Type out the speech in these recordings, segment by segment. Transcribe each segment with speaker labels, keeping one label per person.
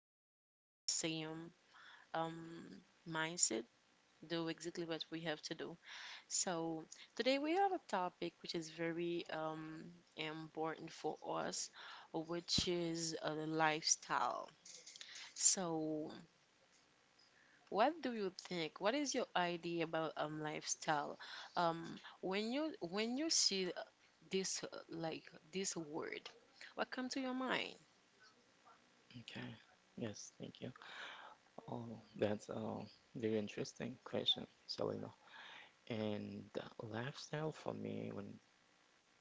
Speaker 1: almost the same um mindset. Do exactly what we have to do. So today we have a topic which is very important for us, which is the lifestyle. So. What do you think? What is your idea about lifestyle? Um, when you see this this word, what come to your mind?
Speaker 2: Okay. Yes, thank you. Oh, that's a very interesting question, Selena. And the lifestyle for me, when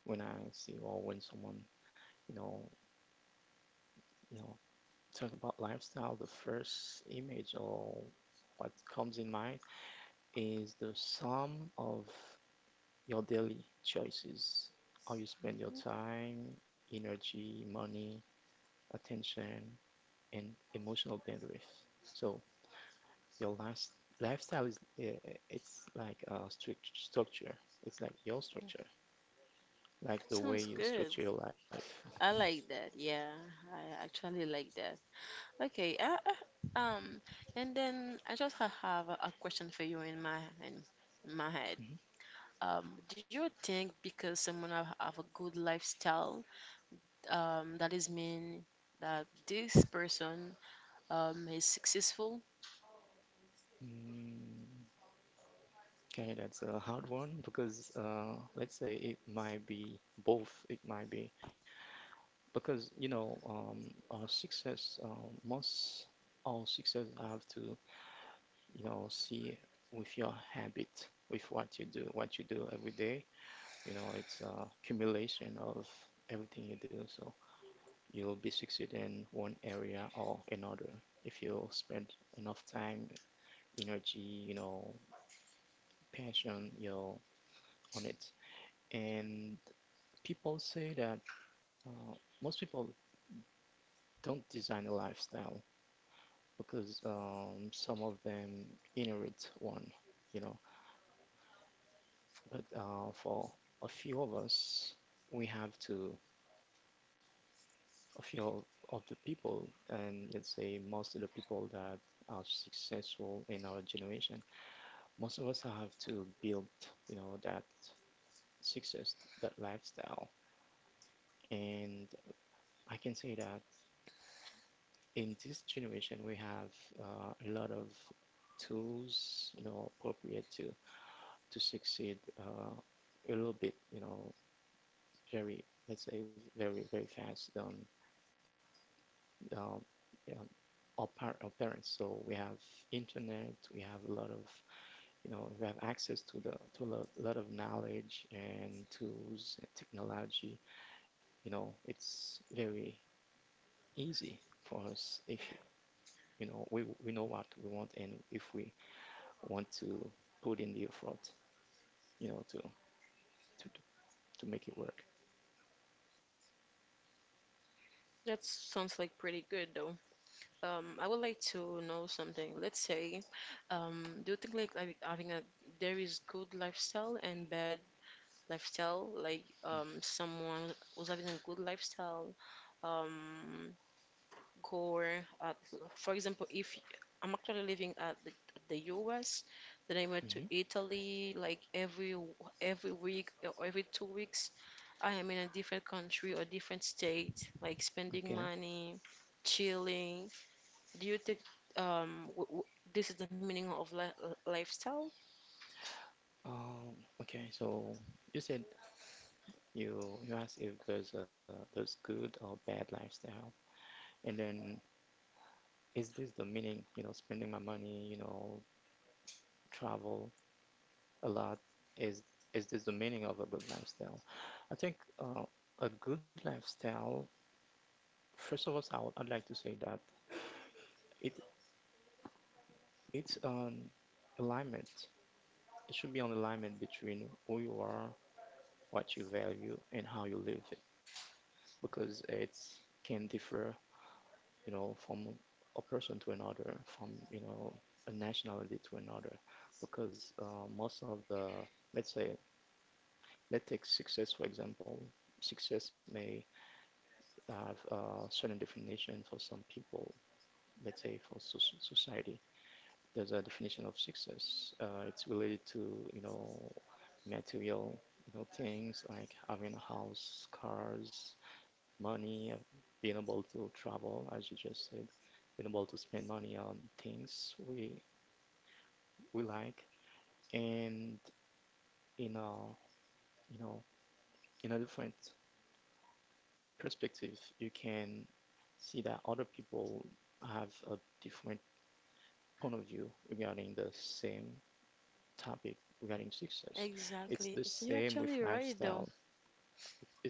Speaker 2: when I see or when someone, you know, you know, talk about lifestyle, the first image or what comes in mind is the sum of your daily choices, how you spend
Speaker 1: Mhm.
Speaker 2: your time, energy, money, attention, and emotional boundaries. So your last lifestyle is, it's like a strict structure. It's like your structure, like the way
Speaker 1: Sounds
Speaker 2: you
Speaker 1: good.
Speaker 2: structure your life.
Speaker 1: I like that. Yeah, I actually like that. Okay. And then I just have a question for you in my head.
Speaker 2: Mhm.
Speaker 1: Do you think because someone have a good lifestyle, that is mean that this person he's successful.
Speaker 2: Mm, okay, that's a hard one because let's say it might be both. It might be because, our success, most all success have to, see with your habit, with what you do, every day. It's a accumulation of everything you do, so you'll be succeed in one area or another if you spend enough time, energy, you know passion, on it. And people say that, uh, most people don't design a lifestyle because, some of them inherit one. You know but uh, for a few of us, we have to, of your of the people, and let's say most of the people that are successful in our generation, most of us have to build, that success, that lifestyle. And I can say that in this generation we have, a lot of tools, appropriate to succeed, a little bit, very let's say very, very fast than, um, uh, our parents. So we have internet, we have a lot of, we have access to the to a lot of knowledge and tools and technology. It's very easy for us if we know what we want, and if we want to put in the effort, you know, to to to to make it work.
Speaker 1: That sounds like pretty good though. I would like to know something. Let's say, do you think having a there is good lifestyle and bad lifestyle? Like someone was having a good lifestyle, um, go, uh, for example, if I'm actually living at the US, then I went
Speaker 2: Mm-hmm.
Speaker 1: to Italy like every week or every 2 weeks. I am in a different country or different state, like spending
Speaker 2: Okay.
Speaker 1: money, chilling. Do you think w w this is the meaning of li lifestyle?
Speaker 2: Um, okay. So you said you asked if there's a there's good or bad lifestyle, and then is this the meaning? Spending my money, travel a lot. Is is this the meaning of a good lifestyle? I think, a good lifestyle. First of all, I'd like to say that it it's an alignment. It should be an alignment between who you are, what you value, and how you live it, because it can differ, from a person to another, from, a nationality to another, because, most of the, let's say, let's take success, for example. Success may have a certain definition for some people, let's say for society there's a definition of success. It's related to, material, things like having a house, cars, money, being able to travel, as you just said, being able to spend money on things we like, and in a, you know, different perspective, you can see that other people have a different point of view regarding the same topic regarding success. It's
Speaker 1: Exactly.
Speaker 2: the
Speaker 1: You're
Speaker 2: same with
Speaker 1: actually right, though.
Speaker 2: lifestyle.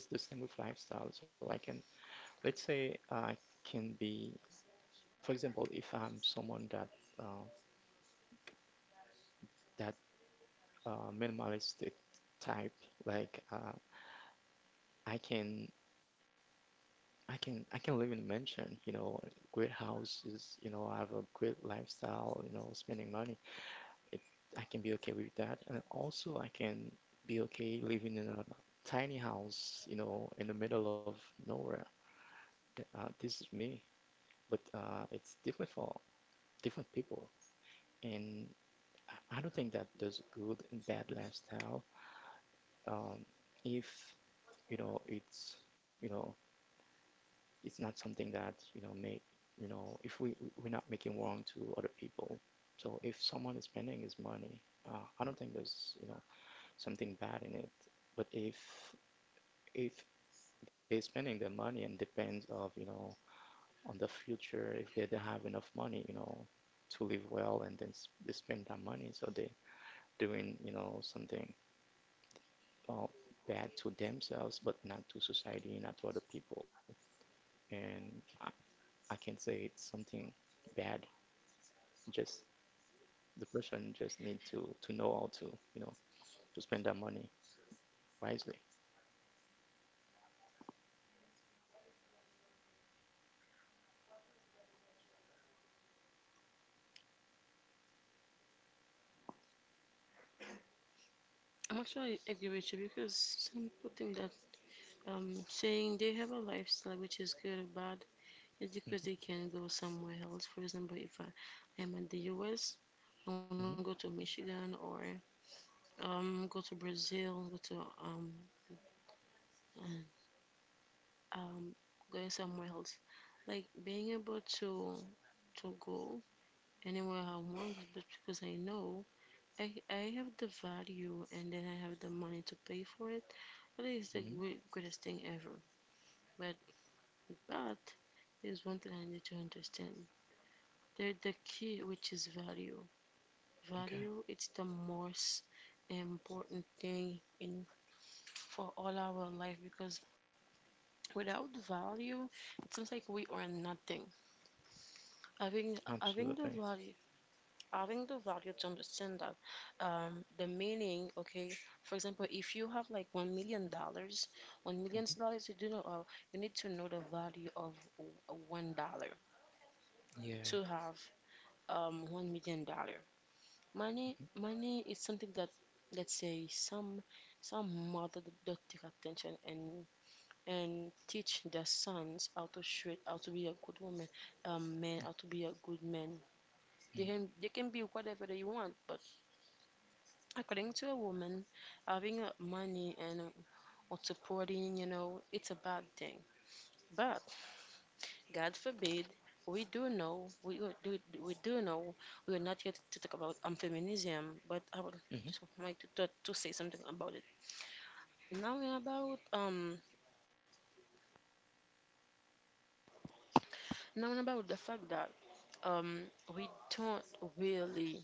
Speaker 2: It's the same with lifestyle. So I can, let's say I can be, for example, if I'm someone that, uh, that, minimalistic type, like, I can I can live in a mansion, great houses, I have a great lifestyle, spending money. It, I can be okay with that, and also I can be okay living in a tiny house, in the middle of nowhere. This is me, but, it's different for different people. And I don't think that there's good and bad lifestyle. Um, if, it's, not something that make, if we're not making wrong to other people. So if someone is spending his money, I don't think there's something bad in it. But if they're spending their money and depends of on the future, if they don't have enough money, to live well, and then they spend that money. So they doing, something, uh, bad to themselves, but not to society, not to other people. And I can say it's something bad. Just the person just need to know how to, to spend that money wisely.
Speaker 1: I'm actually agree with you because some people think that saying they have a lifestyle which is good or bad just
Speaker 2: Hmm.
Speaker 1: because they can go somewhere else. For example, if I am in the US, I want to go to
Speaker 2: Hmm.
Speaker 1: Michigan or go to Brazil, go to um, um, going somewhere else. Like being able to go anywhere I want, but because I know I have the value and then I have the money to pay for it. That is the
Speaker 2: Hmm.
Speaker 1: greatest thing ever. But but there's one thing I need to understand. There the key which is value.
Speaker 2: Okay.
Speaker 1: Value it's the most important thing in for all our life because without value it seems like we are nothing, having the
Speaker 2: Absolutely.
Speaker 1: value, having the value to understand that the meaning, okay? For example, if you have like $1 million,
Speaker 2: Hmm.
Speaker 1: you do know, you need to know the value of $1
Speaker 2: Yeah.
Speaker 1: to have $1 million. Money, is something that, let's say, some mother don't take attention and teach their sons how to straight, how to be a good woman, man,
Speaker 2: Hmm.
Speaker 1: how to be a good man. They
Speaker 2: Hmm.
Speaker 1: can they can be whatever they want, but according to a woman, having money and or supporting, you know, it's a bad thing. But God forbid, we do know do we do know we are not here to talk about feminism, but I would
Speaker 2: Hmm.
Speaker 1: just like to, to say something about it. Now and about um now and about the fact that um we don't really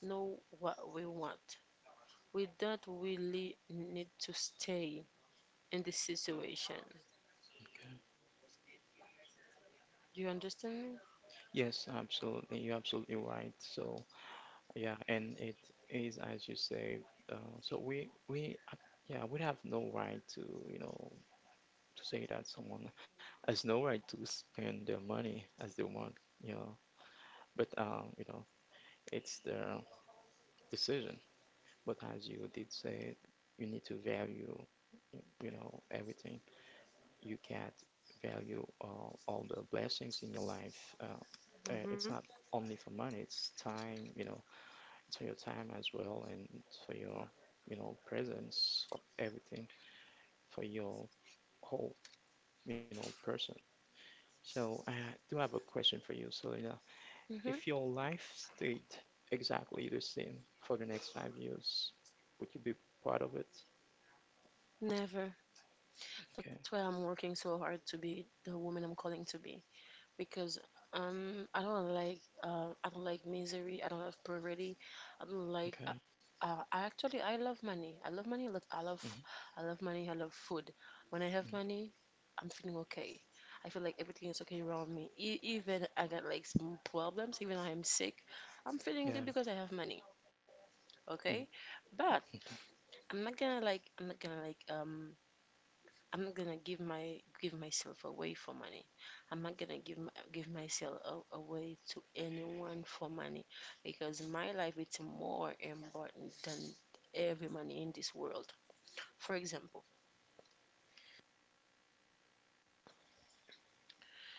Speaker 1: know what we want. We don't really need to stay in this situation.
Speaker 2: Okay.
Speaker 1: Do you understand me?
Speaker 2: Yes, absolutely. You're absolutely right. So, yeah, and it is as you say. So we, yeah, we have no right to, you know to say that someone has no right to spend their money as they want, you know. But, it's their decision. But as you did say, you need to value, everything. You can't value all the blessings in your life.
Speaker 1: Mm-hmm.
Speaker 2: It's not only for money. It's time. For your time as well, and for your, presence for everything, for your whole, person. So I do have a question for you, Selena.
Speaker 1: Mm-hmm.
Speaker 2: If your life stayed exactly the same for the next 5 years, would you be part of it?
Speaker 1: Never. That's
Speaker 2: Okay.
Speaker 1: why I'm working so hard to be the woman I'm calling to be, because I don't like misery. I don't like poverty. I don't like.
Speaker 2: Okay.
Speaker 1: I actually I love money. I love money a lot.
Speaker 2: Hmm.
Speaker 1: I love money. I love food. When I have
Speaker 2: Hmm.
Speaker 1: money, I'm feeling okay. I feel like everything is okay around me. Even I got like some problems. Even I am sick, I'm feeling
Speaker 2: Yeah.
Speaker 1: good because I have money. Okay,
Speaker 2: Mm.
Speaker 1: but
Speaker 2: Mhm.
Speaker 1: I'm not gonna like I'm not gonna give my give myself away for money. I'm not gonna give my, away to anyone for money because my life is more important than every money in this world. For example,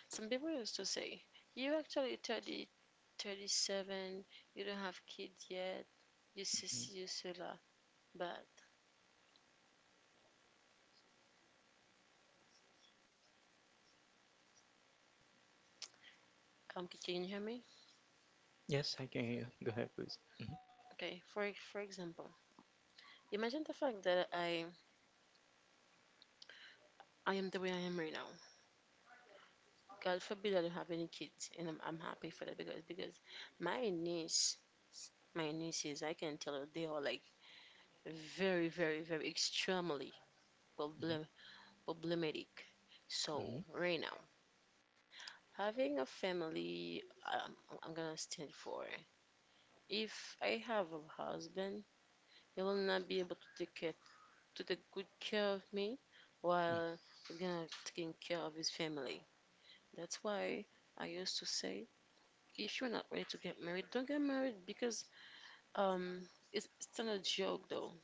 Speaker 1: some people used to say, "You actually 30, 37, you don't have kids yet, you
Speaker 2: Mhm.
Speaker 1: sis, you sula." But can you hear me?
Speaker 2: Yes, I can hear you. Go ahead please. Hmm.
Speaker 1: Okay. For example, imagine the fact that I am the way I am right now. God forbid I don't have any kids, and I'm happy for that, because my niece, my nieces, I can tell you they are like very very very extremely problem problematic. So
Speaker 2: Hmm.
Speaker 1: right now, having a family, um, I'm gonna stand for. If I have a husband, he will not be able to take care to take good care of me,
Speaker 2: Hmm.
Speaker 1: while he's gonna taking care of his family. That's why I used to say if you're not ready to get married, don't get married because um, it's not a joke though.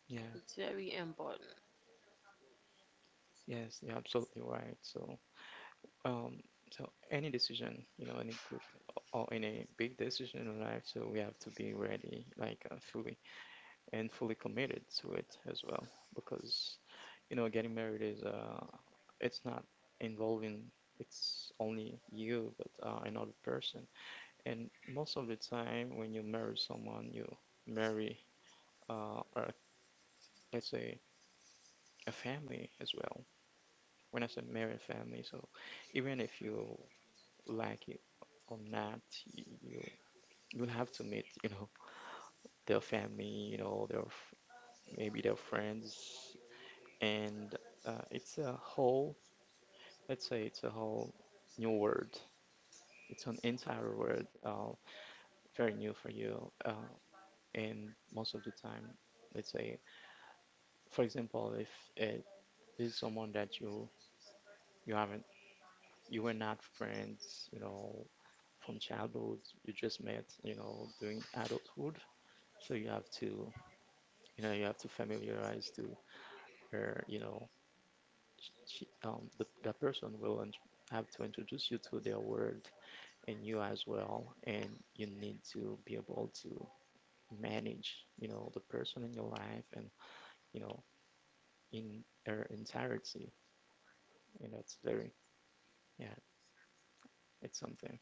Speaker 2: Yeah.
Speaker 1: It's very important.
Speaker 2: Yes, you're absolutely right. So. Um, so any decision, any good or any big decision in life, so we have to be ready, like, fully and fully committed to it as well, because, getting married is, it's not involving it's only you but, another person, and most of the time when you marry someone, you marry, a, let's say a family as well. When I said married family, so even if you like it or not, you you- you'll have to meet, their family, maybe their friends, and, it's a whole, let's say it's a whole new world. It's an entire world, very new for you, and most of the time, let's say, for example, if it is someone that you haven't you were not friends, from childhood. You just met, during adulthood. So you have to familiarize to her, she, that person will have to introduce you to their world, and you as well. And you need to be able to manage, the person in your life, and, you know, in her entirety. It's very, yeah, it's something.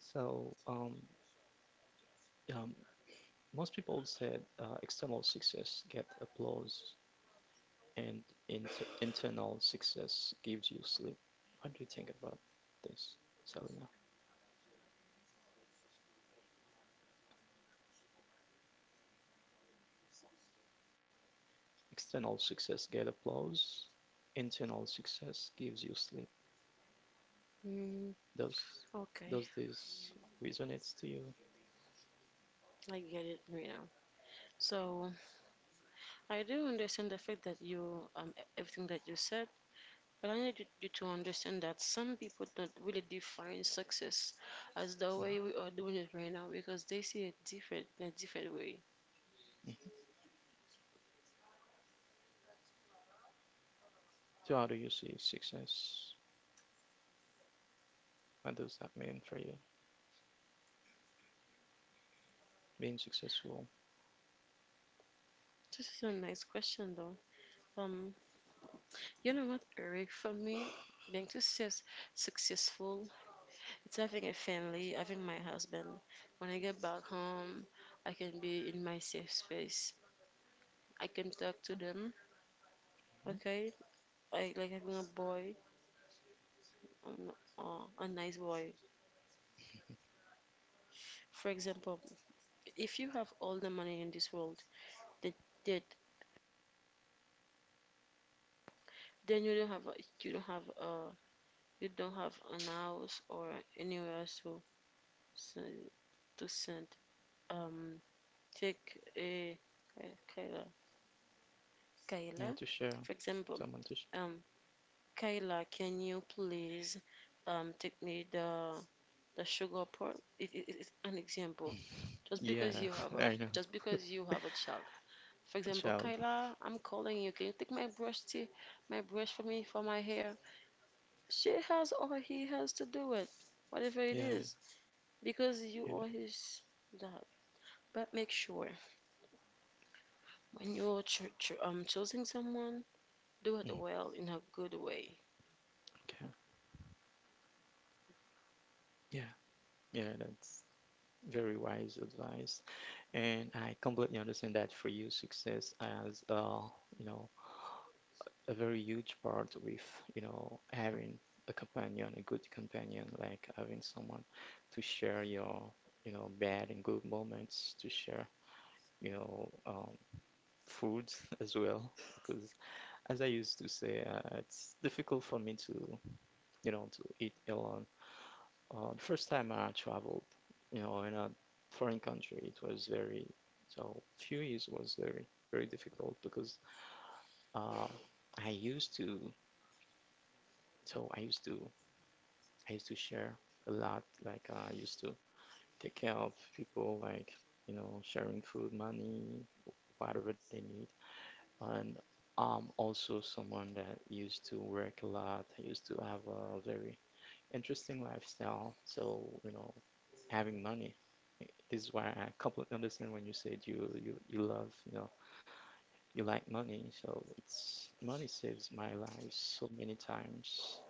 Speaker 2: So, um, most people said, external success get applause, and inter internal success gives you sleep. What do you think about this, Selena? External success get applause, internal success gives you sleep.
Speaker 1: Mm,
Speaker 2: Does
Speaker 1: okay,
Speaker 2: does this resonate to you?
Speaker 1: I get it right now. So I do understand the fact that you everything that you said, but I need you to understand that some people don't really define success as the
Speaker 2: Mm-hmm.
Speaker 1: way we are doing it right now because they see it different in a different way.
Speaker 2: Hmm. So how do you see success? What does that mean for you? Being successful?
Speaker 1: This is a nice question though. Um, you know what, Eric? For me, being successful it's having a family, having my husband. When I get back home, I can be in my safe space. I can talk to them,
Speaker 2: Hmm.
Speaker 1: okay? I like having a boy, um, a nice boy. For example, if you have all the money in this world, that that then you don't have a, you don't have a you don't have an house or anywhere else send, to send um take a Kayla, Kayla
Speaker 2: Yeah, to share,
Speaker 1: for example,
Speaker 2: someone to share.
Speaker 1: um Kayla, can you please take me the sugar part? It, it's an example. Just because
Speaker 2: Yeah,
Speaker 1: you have a,
Speaker 2: I know,
Speaker 1: just because you have a child. For
Speaker 2: a
Speaker 1: example,
Speaker 2: child.
Speaker 1: Kayla, I'm calling you. Can you take my brush to my brush for me for my hair? She has or he has to do it, whatever it
Speaker 2: Yeah,
Speaker 1: is, because you
Speaker 2: yeah.
Speaker 1: are his dad. But make sure when you're ch ch choosing someone, do it
Speaker 2: Mm-hmm.
Speaker 1: well in a good way.
Speaker 2: Okay. Yeah, yeah, that's very wise advice. And I completely understand that for you, success as, you know, a very huge part with, having a companion, a good companion, like having someone to share your, bad and good moments, to share, you know, um, foods as well. Because as I used to say, it's difficult for me to, to eat alone. The first time I traveled, in a foreign country, it was very, so few years was very, very difficult because, uh, I used to, so I used to, I used to share a lot. Like, I used to take care of people, like, sharing food, money, whatever they need. And I'm also someone that used to work a lot. I used to have a very interesting lifestyle. So, having money. This is why I completely understand when you said you you like money. So it's money saves my life so many times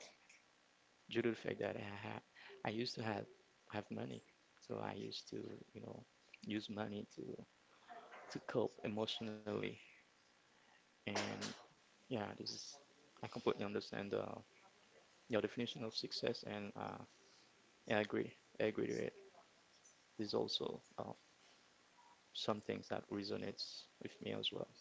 Speaker 2: due to the fact that I used to have money. So I used to, you know, use money to cope emotionally. And yeah, this is I completely understand, your definition of success, and, yeah, I agree. I agree to it. There's also, some things that resonates with me as well.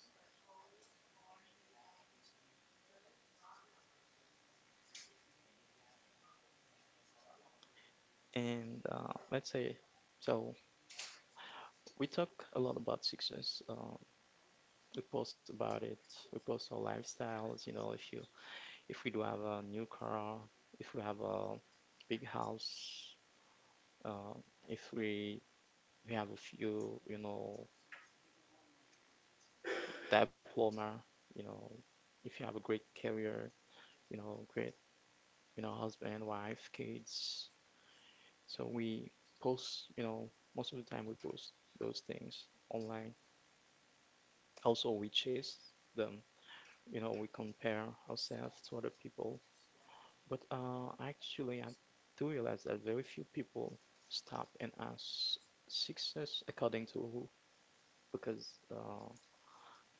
Speaker 2: And, let's say, so we talk a lot about success. We post about it. We post our lifestyles. If you if we do have a new car, if we have a big house, uh, if we have a few, diploma. You know, if you have a great career. Great, husband, wife, kids. So we post. Most of the time we post those things online. Also, we chase them, we compare ourselves to other people. But actually, I do realize that very few people stop and ask, success according to who? Because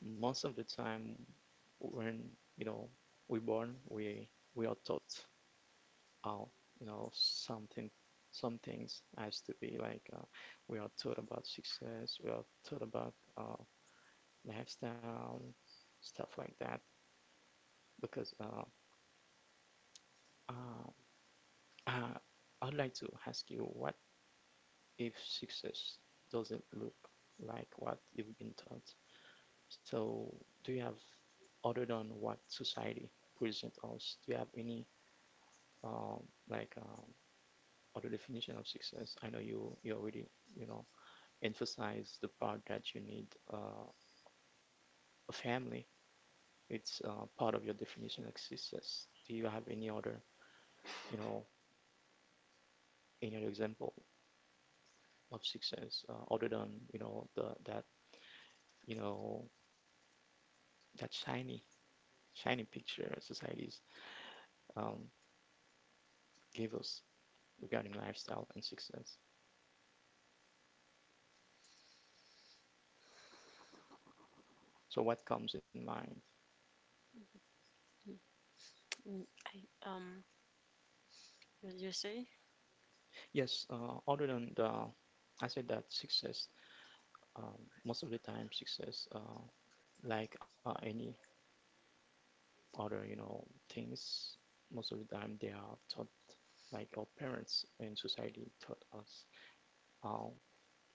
Speaker 2: most of the time, when, you know we're born, we are taught how, something, some things has to be we are taught about success, we are taught about lifestyle, stuff like that. Because uh, Uh, I'd like to ask you, what if success doesn't look like what you've been taught? So, do you have, other than what society presents us, do you have any, um, like um, other definition of success? I know you already, you know emphasize the part that you need a family. It's part of your definition of success. Do you have any other, you know any other example of success, other than, the that, you know that shiny picture societies um, give us regarding lifestyle and success. So what comes in mind?
Speaker 1: Mm, I you you say?
Speaker 2: Yes, other than the, I said that success, um, most of the time success, any other, things, most of the time they are taught, like our parents and society taught us how,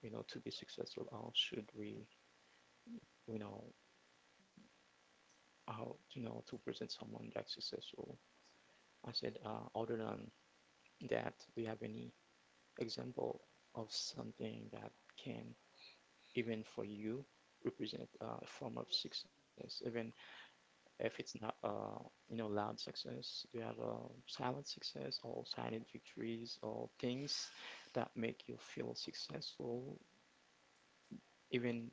Speaker 2: to be successful, how should we, you know, to present someone that's successful. I said, other than that, do you have any example of something that can, even for you, represent a form of success, even if it's not loud success? Do you have a silent success or silent victories or things that make you feel successful even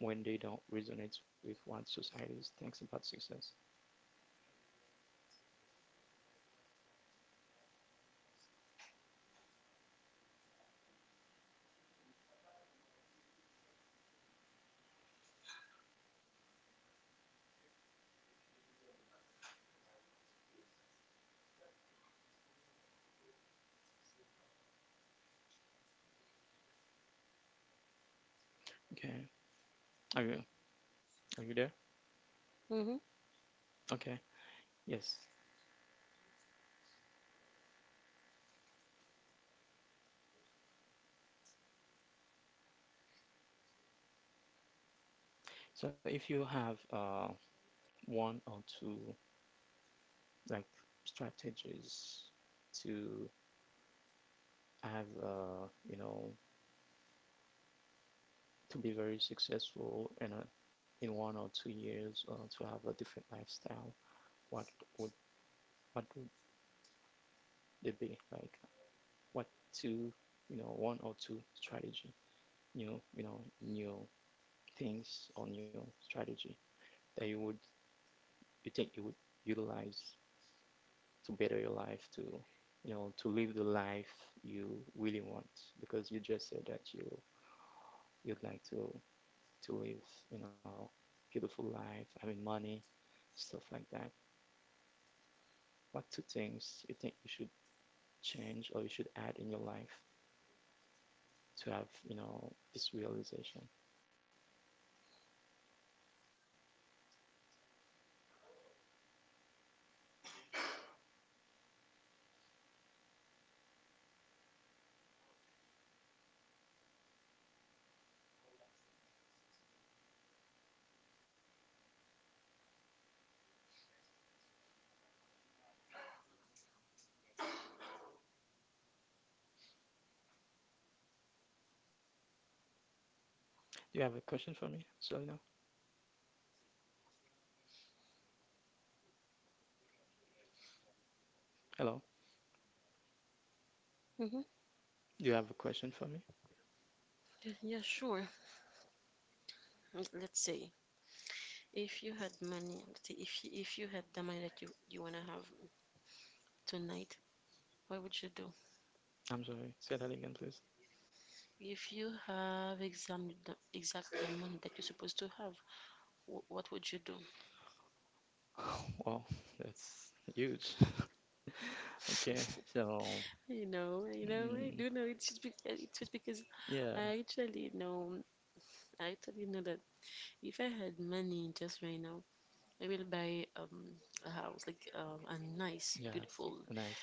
Speaker 2: when they don't resonate with what society thinks about success? Okay, are you, are you there?
Speaker 1: Mm-hmm.
Speaker 2: Okay. Yes. So if you have one or two, like, strategies to have, to be very successful in a, in 1 or 2 years or to have a different lifestyle, what would, what would they be like? What two, one or two strategy, new you know new things or new strategy that you would, you think you would utilize to better your life, to, to live the life you really want? Because you just said that you, you'd like to live, you know, beautiful life, having money, stuff like that. What two things you think you should change or you should add in your life to have, you know, this realization? Do you have a question for me, Selena? Hello?
Speaker 1: Mm-hmm.
Speaker 2: Do you have a question for me?
Speaker 1: Yeah, yeah, sure. Mm, let's say if you had money, let's say if if you had the money that you wanna have tonight, what would you do?
Speaker 2: I'm sorry. Say that again, please.
Speaker 1: If you have exactly the money that you're supposed to have, what would you do?
Speaker 2: Wow, that's huge. Okay, so,
Speaker 1: You know,
Speaker 2: mm,
Speaker 1: I do know. It's just, it's just because
Speaker 2: yeah,
Speaker 1: I actually know, I actually know that if I had money just right now, I will buy a house like a nice,
Speaker 2: yeah,
Speaker 1: beautiful
Speaker 2: nice.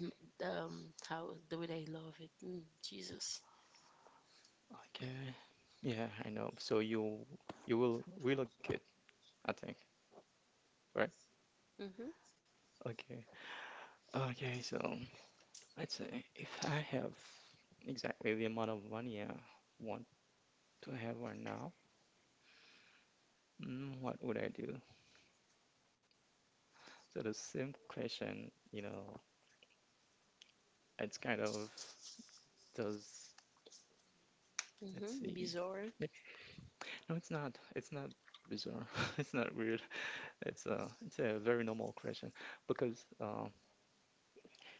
Speaker 1: N- how the way I love it. Mm, Jesus.
Speaker 2: Okay, yeah, I know. So you will relocate, I think, right?
Speaker 1: Mhm.
Speaker 2: Okay. Okay, so let's say if I have exactly the amount of money I want to have right now, what would I do? So the same question, you know, it's kind of does, let's
Speaker 1: Mhm.
Speaker 2: see.
Speaker 1: Bizarre.
Speaker 2: It's, no, it's not. It's not bizarre. It's not weird. It's a very normal question because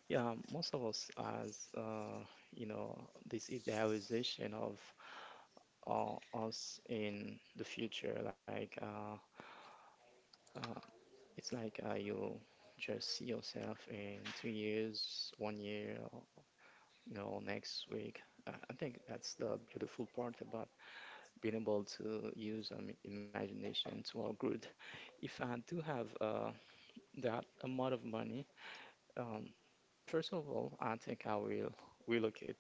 Speaker 2: yeah, most of us has this idealization of, us in the future, uh, it's like, you just see yourself in 2 years, one year, or, you know, next week. I think that's the beautiful part about being able to use imagination to our good. If I do have that amount of money, um, first of all, I think I will relocate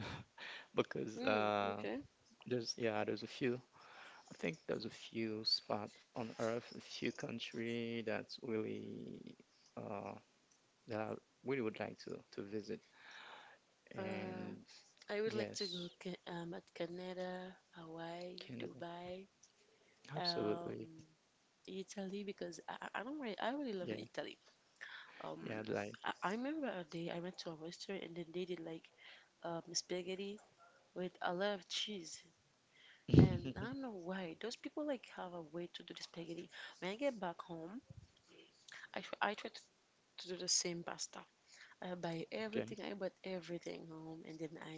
Speaker 2: because
Speaker 1: Mm,
Speaker 2: uh,
Speaker 1: okay.
Speaker 2: there's, yeah, there's a few. I think there's a few spot on Earth, a few country that's really. Uh, that I really would like to visit.
Speaker 1: Uh,
Speaker 2: And
Speaker 1: I would like to go
Speaker 2: yes,
Speaker 1: at Canada, Hawaii,
Speaker 2: Canada.
Speaker 1: Dubai, um,
Speaker 2: Absolutely.
Speaker 1: Italy because I don't really, I really love
Speaker 2: Yeah.
Speaker 1: Italy. Um,
Speaker 2: Yeah, I'd like.
Speaker 1: I remember a day I went to a restaurant and then they did like spaghetti with a lot of cheese. And I don't know why those people like have a way to do the spaghetti. When I get back home, I try to do the same pasta. I buy
Speaker 2: Okay.
Speaker 1: everything. I bought everything home, and then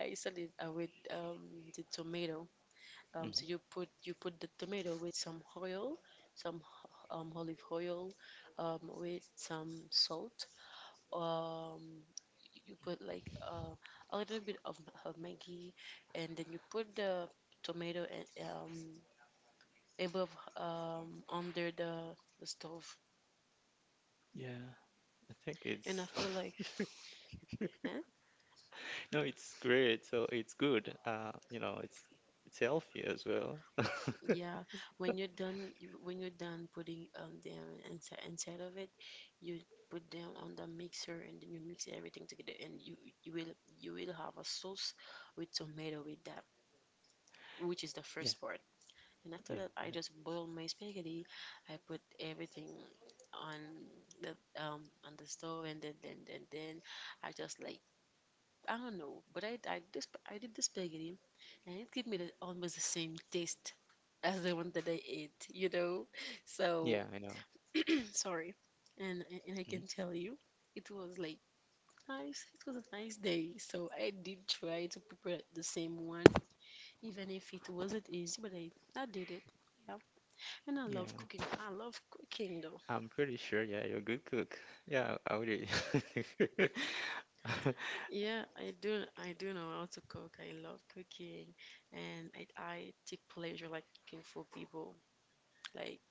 Speaker 1: I salad with the tomato. So
Speaker 2: Mhm.
Speaker 1: you put the tomato with some oil, some olive oil, with some salt. Um, you put like a little bit of Maggi, and then you put the tomato and above under the stove,
Speaker 2: Yeah, I think
Speaker 1: and I
Speaker 2: it's
Speaker 1: feel like.
Speaker 2: no, it's great. So it's good. You know, it's healthy as well.
Speaker 1: Yeah, when you're done, when you're done putting them inside of it, you put them on the mixer and then you mix everything together, and you will you will have a sauce with tomato with that, which is the
Speaker 2: Yeah,
Speaker 1: first part. And after that,
Speaker 2: yeah,
Speaker 1: I just boil my spaghetti. I put everything on the on the stove, and then I just like I don't know, but I did this, I did the spaghetti, and it gave me the, almost the same taste as the one that I ate, you know.
Speaker 2: yeah.
Speaker 1: So
Speaker 2: I know.
Speaker 1: sorry, and I
Speaker 2: Mhm.
Speaker 1: can tell you, it was like nice. It was a nice day, so I did try to prepare the same one, even if it wasn't easy, but I did it. Yeah, and I
Speaker 2: Yeah,
Speaker 1: love cooking. I love cooking though.
Speaker 2: I'm pretty sure. Yeah, you're a good cook. Yeah, I would
Speaker 1: Yeah, I do. I do know how to cook. I love cooking, and I take pleasure like cooking for people. Like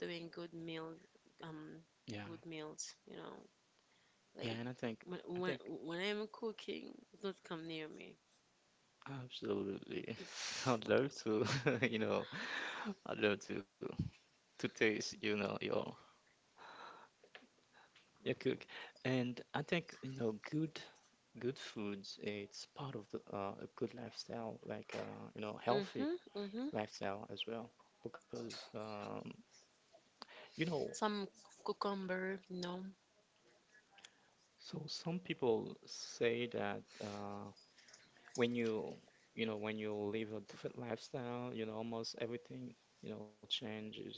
Speaker 1: doing good meal, um,
Speaker 2: Yeah,
Speaker 1: good meals. You know,
Speaker 2: yeah.
Speaker 1: like
Speaker 2: And I think, I think,
Speaker 1: when I'm cooking, don't come near me.
Speaker 2: absolutely. I'd love to, you know, I'd love to taste, you know, your cook. And I think, you know, good, good foods, it's part of the a good lifestyle, like you know, healthy
Speaker 1: Mhm, mhm.
Speaker 2: lifestyle as well. Because you know,
Speaker 1: Some cucumber, no.
Speaker 2: some people say that when you know, when you live a different lifestyle, you know, almost everything, you know, changes,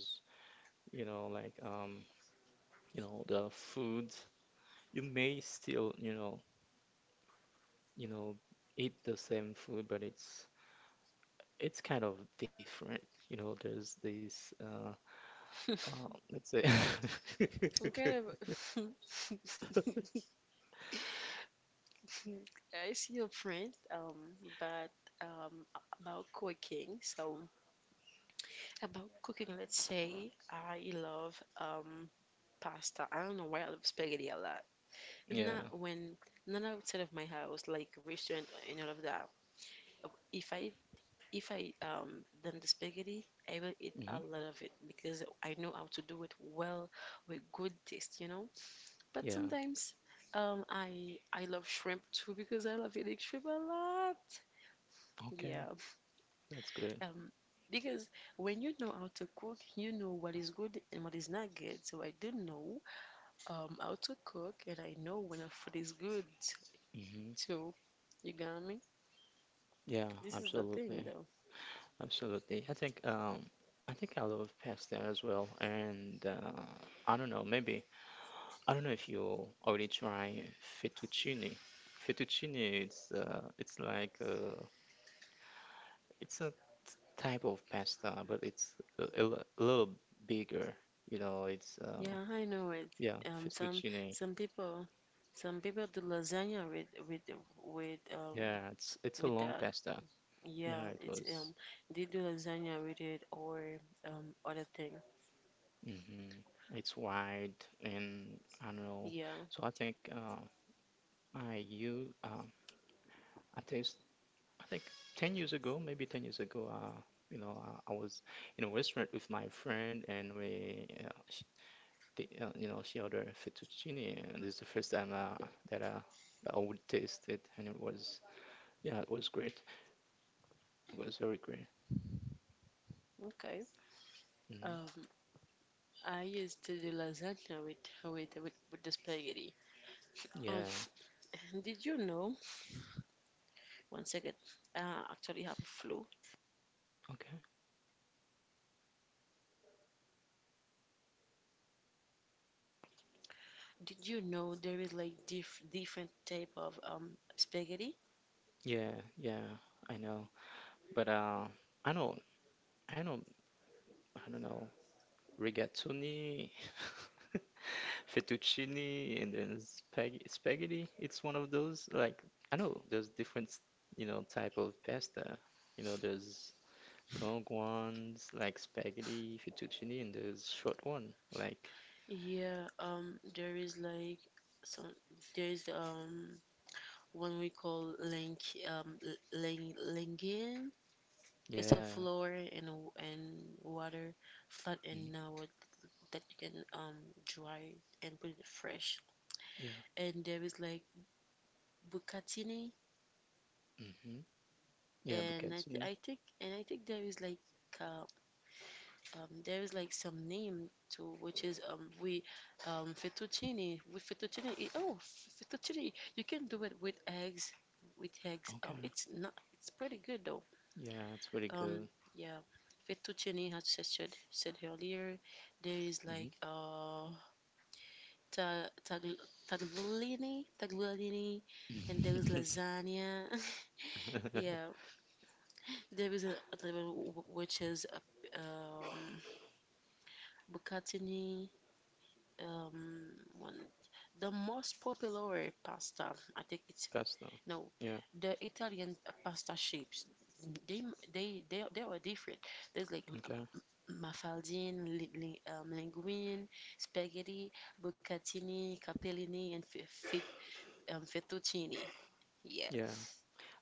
Speaker 2: you know, like you know, the food. You may still, you know, eat the same food, but it's kind of different. You know, there's this let's say
Speaker 1: I'm kind of. I see your friend, but um, about cooking. Let's say I love pasta. I don't know why I love spaghetti a lot.
Speaker 2: Yeah.
Speaker 1: Not when, Not outside of my house, like restaurant and all of that. Uh, If I if I done the spaghetti, I will eat a
Speaker 2: Hmm.
Speaker 1: lot of it because I know how to do it well with good taste, you know. But
Speaker 2: Yeah.
Speaker 1: sometimes, I love shrimp too because I love eating shrimp a lot.
Speaker 2: Okay.
Speaker 1: Yeah.
Speaker 2: That's good.
Speaker 1: Um, because when you know how to cook, you know what is good and what is not good. So I do know how to cook and I know when a food is good
Speaker 2: Hmm.
Speaker 1: too. You got me?
Speaker 2: Yeah,
Speaker 1: This is the
Speaker 2: absolutely.
Speaker 1: thing, though.
Speaker 2: Absolutely. I think I think I love pasta as well. And I don't know, maybe I don't know if you already try fettuccine. Fettuccine, it's a type of pasta, but it's a li- a little bigger. You know, it's
Speaker 1: Yeah, I know it.
Speaker 2: yeah,
Speaker 1: Um, some
Speaker 2: fettuccine.
Speaker 1: some people, some people do lasagna with with um
Speaker 2: Yeah, it's a
Speaker 1: with
Speaker 2: long
Speaker 1: that.
Speaker 2: pasta.
Speaker 1: Yeah,
Speaker 2: Yeah, it
Speaker 1: it's
Speaker 2: was.
Speaker 1: they do lasagna with it or other thing.
Speaker 2: Hmm. It's wide, and I don't know.
Speaker 1: Yeah,
Speaker 2: So I think I you uh, I taste. I think 10 years ago, maybe 10 years ago. You know, I was in a restaurant with my friend, and we you know, she ordered fettuccine, and it's the first time that I would taste it, and it was, yeah, it was great. It was very great.
Speaker 1: okay.
Speaker 2: Hmm.
Speaker 1: Um, I used to do lasagna with the spaghetti. Um,
Speaker 2: Yeah.
Speaker 1: did you know? One second. Actually have a flu.
Speaker 2: Okay.
Speaker 1: Did you know there is like different type of spaghetti?
Speaker 2: Yeah. Yeah. I know. But I know, I know, I don't know, rigatoni, fettuccine, and then spaghetti. It's one of those like, I know there's different, you know, type of pasta. You know, there's long ones like spaghetti, fettuccine, and there's short one like,
Speaker 1: Yeah, there is like some there is one we call link um lingin. It's a
Speaker 2: yeah,
Speaker 1: floor and water flat
Speaker 2: mm,
Speaker 1: and now that you can dry and put it fresh.
Speaker 2: yeah,
Speaker 1: And there is like bucatini
Speaker 2: hmm, yeah,
Speaker 1: and I, th
Speaker 2: bucatini.
Speaker 1: I think and I think uh, there is like some name to which is we fettuccine with fettuccine it, oh fettuccine you can do it eggs with eggs
Speaker 2: Okay,
Speaker 1: it's not it's pretty good though
Speaker 2: yeah, it's really
Speaker 1: um
Speaker 2: good.
Speaker 1: yeah fettuccine as I said earlier there is
Speaker 2: Hmm.
Speaker 1: like ta- tag- tagliolini, tagliolini and there is lasagna. Yeah, there is a which is bucatini, um one, the most popular pasta I think it's
Speaker 2: Pasta.
Speaker 1: no
Speaker 2: Yeah.
Speaker 1: the Italian pasta shapes they they are different there's like
Speaker 2: Okay.
Speaker 1: mafaldine, linguine, spaghetti, bucatini, capellini and fettuccine. Yeah,
Speaker 2: Yeah.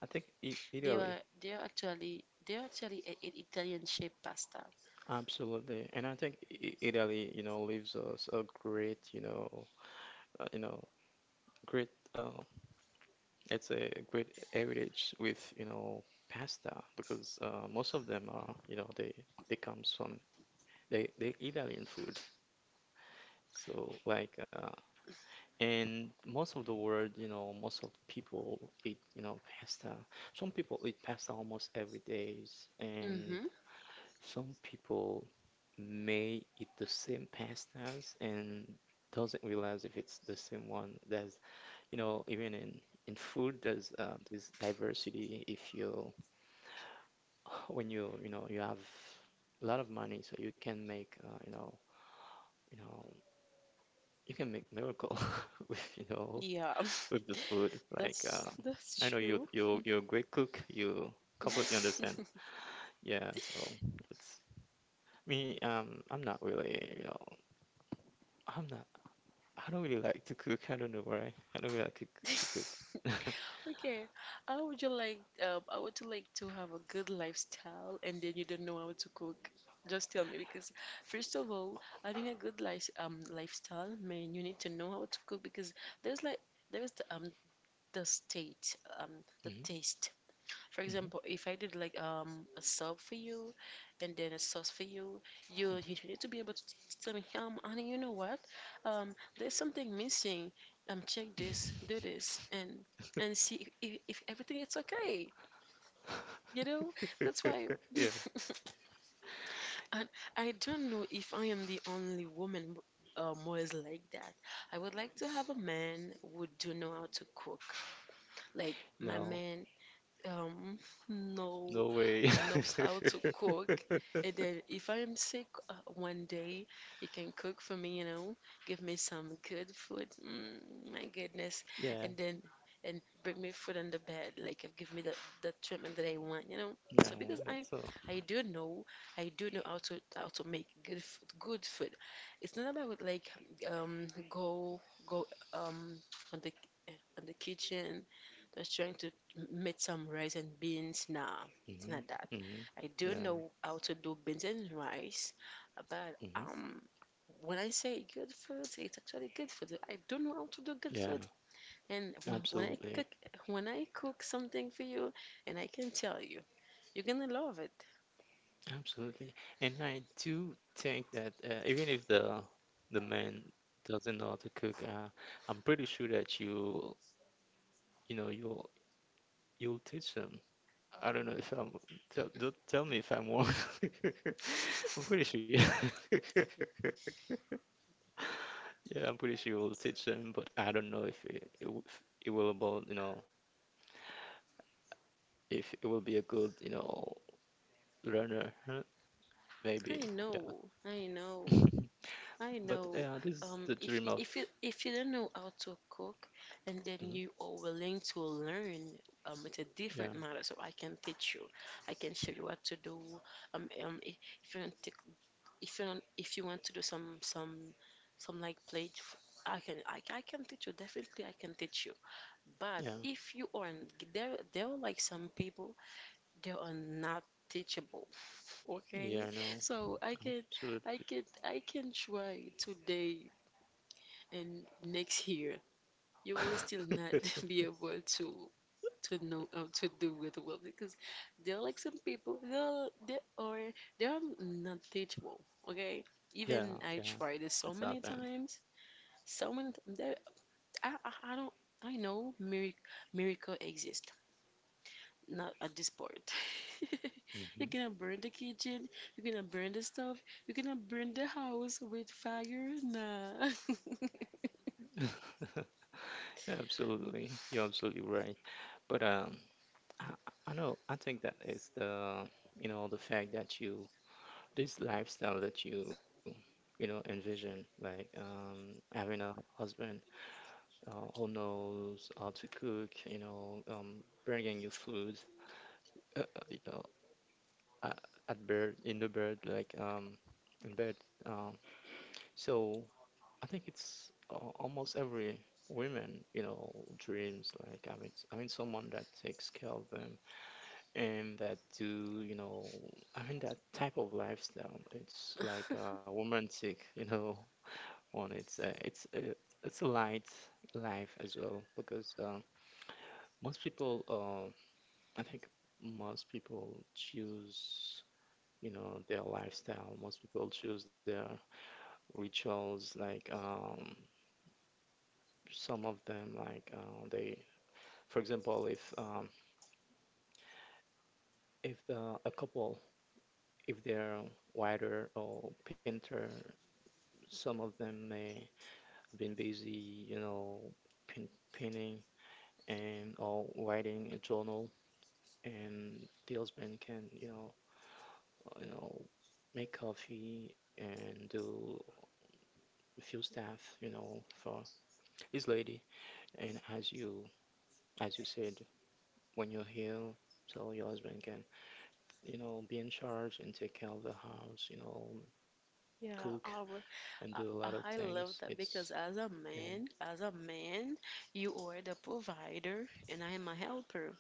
Speaker 2: I think I Italy.
Speaker 1: they are actually a Italian shaped pasta.
Speaker 2: Absolutely. And I think I Italy, you know, leaves us a great, you know, great uh, it's a great heritage with, you know, pasta because most of them are, you know, they comes from, they Italian food. So like, and most of the world, you know, most of people eat, you know, pasta. Some people eat pasta almost every days, and
Speaker 1: Mm-hmm.
Speaker 2: some people may eat the same pastas and doesn't realize if it's the same one. There's, you know, even in food, there's this diversity if you when you know, you have a lot of money, so you can make, you know you can make miracle with,
Speaker 1: Yeah.
Speaker 2: with this food. Like,
Speaker 1: that's
Speaker 2: I know
Speaker 1: that's
Speaker 2: you
Speaker 1: true.
Speaker 2: you you're a great cook. You completely understand. Yeah, so it's me. I'm not really, I'm not. I don't really like to cook. I don't know why. I don't really like to, c- to cook.
Speaker 1: Okay, how would you like? I Would you like to have a good lifestyle, and then you don't know how to cook? Just tell me, because first of all, having a good lifestyle, man, you need to know how to cook because there's like there's the state um the
Speaker 2: Mhm,
Speaker 1: taste. For
Speaker 2: mhm,
Speaker 1: example, if I did like a sub for you and then a sauce for you, you need to be able to tell me, honey, you know what? There's something missing. Check this, do this, and see if everything is okay. You know, that's why.
Speaker 2: Yeah.
Speaker 1: And I don't know if I am the only woman, who is like that. I would like to have a man who do know how to cook. Like my
Speaker 2: No.
Speaker 1: man, um, know
Speaker 2: No way.
Speaker 1: knows how to cook. And then if I'm sick, one day, he can cook for me, you know, give me some good food. Mm, my goodness.
Speaker 2: Yeah.
Speaker 1: And then and bring me food on the bed, like give me the treatment that I want, you know.
Speaker 2: Yeah,
Speaker 1: So because
Speaker 2: that's
Speaker 1: I I do know, I do know how to make good food, good food. It's not about like go go um on the on the kitchen just trying to made some rice and beans. Nah, it's
Speaker 2: mm-hmm,
Speaker 1: not that.
Speaker 2: mm-hmm,
Speaker 1: I do
Speaker 2: yeah,
Speaker 1: know how to do beans and rice, but
Speaker 2: mm-hmm,
Speaker 1: when I say good food, it's actually good food. I don't know how to do good
Speaker 2: yeah,
Speaker 1: food. And
Speaker 2: absolutely,
Speaker 1: when I cook something for you, and I can tell you, you're gonna love it.
Speaker 2: absolutely. And I do think that even if the, the man doesn't know how to cook, I'm pretty sure that you know, you'll teach them. I don't know if I'm, tell, don't tell me if I'm wrong. I'm pretty sure. Yeah, yeah, I'm pretty sure you will teach them, but I don't know if it, it, w- if it will about, you know, if it will be a good, you know, learner, huh?
Speaker 1: I
Speaker 2: Maybe,
Speaker 1: know, I know.
Speaker 2: yeah.
Speaker 1: I
Speaker 2: But
Speaker 1: know.
Speaker 2: yeah, this is the dream of,
Speaker 1: If you don't know how to cook, and then
Speaker 2: mhm.
Speaker 1: you are willing to learn, it's a different
Speaker 2: Yeah,
Speaker 1: matter. So I can teach you. I can show you what to do. Um, um, i- if you want to, if you want to do some like plate, I I can teach you. Definitely, I can teach you. But
Speaker 2: yeah,
Speaker 1: if you aren't, there are like some people they are not teachable. Okay,
Speaker 2: yeah, I know,
Speaker 1: so
Speaker 2: absolutely.
Speaker 1: I can try today and next year you will still not be able to know how to do it well because there are like some people they are not teachable. Okay,
Speaker 2: Yeah,
Speaker 1: even I
Speaker 2: yeah,
Speaker 1: tried it
Speaker 2: it's
Speaker 1: so many
Speaker 2: happened.
Speaker 1: times, so many times. I don't I know miracle exist not at this part.
Speaker 2: Hmm.
Speaker 1: You're gonna burn the kitchen. You're gonna burn the stuff. You're gonna burn the house with fire. Nah.
Speaker 2: Absolutely, you're absolutely right. But I, I know, I think that is the, you know, the fact that you, this lifestyle that you know, envision, like, having a husband who knows how to cook, you know, bringing you food, you know, at, at bed, in the bed, like in bed. So I think it's almost every women, you know, dreams like having someone that takes care of them and that do, you know, having that type of lifestyle. It's like a romantic, you know, one. It's a light life as well because. Most people, I think most people choose, you know, their lifestyle. Most people choose their rituals. Like, some of them, like they, for example, if, if the, a couple, if they're writer or painter, some of them may have been busy, you know, painting and or writing a journal, and the husband can, you know, make coffee and do a few stuff, you know, for his lady. And as you, as you said, when you're here, so your husband can, you know, be in charge and take care of the house, you know,
Speaker 1: Yeah,
Speaker 2: cook
Speaker 1: I would.
Speaker 2: and do
Speaker 1: I,
Speaker 2: a lot of
Speaker 1: I I
Speaker 2: things.
Speaker 1: love that
Speaker 2: It's
Speaker 1: because
Speaker 2: yeah,
Speaker 1: as a man, you are the provider and I am a helper.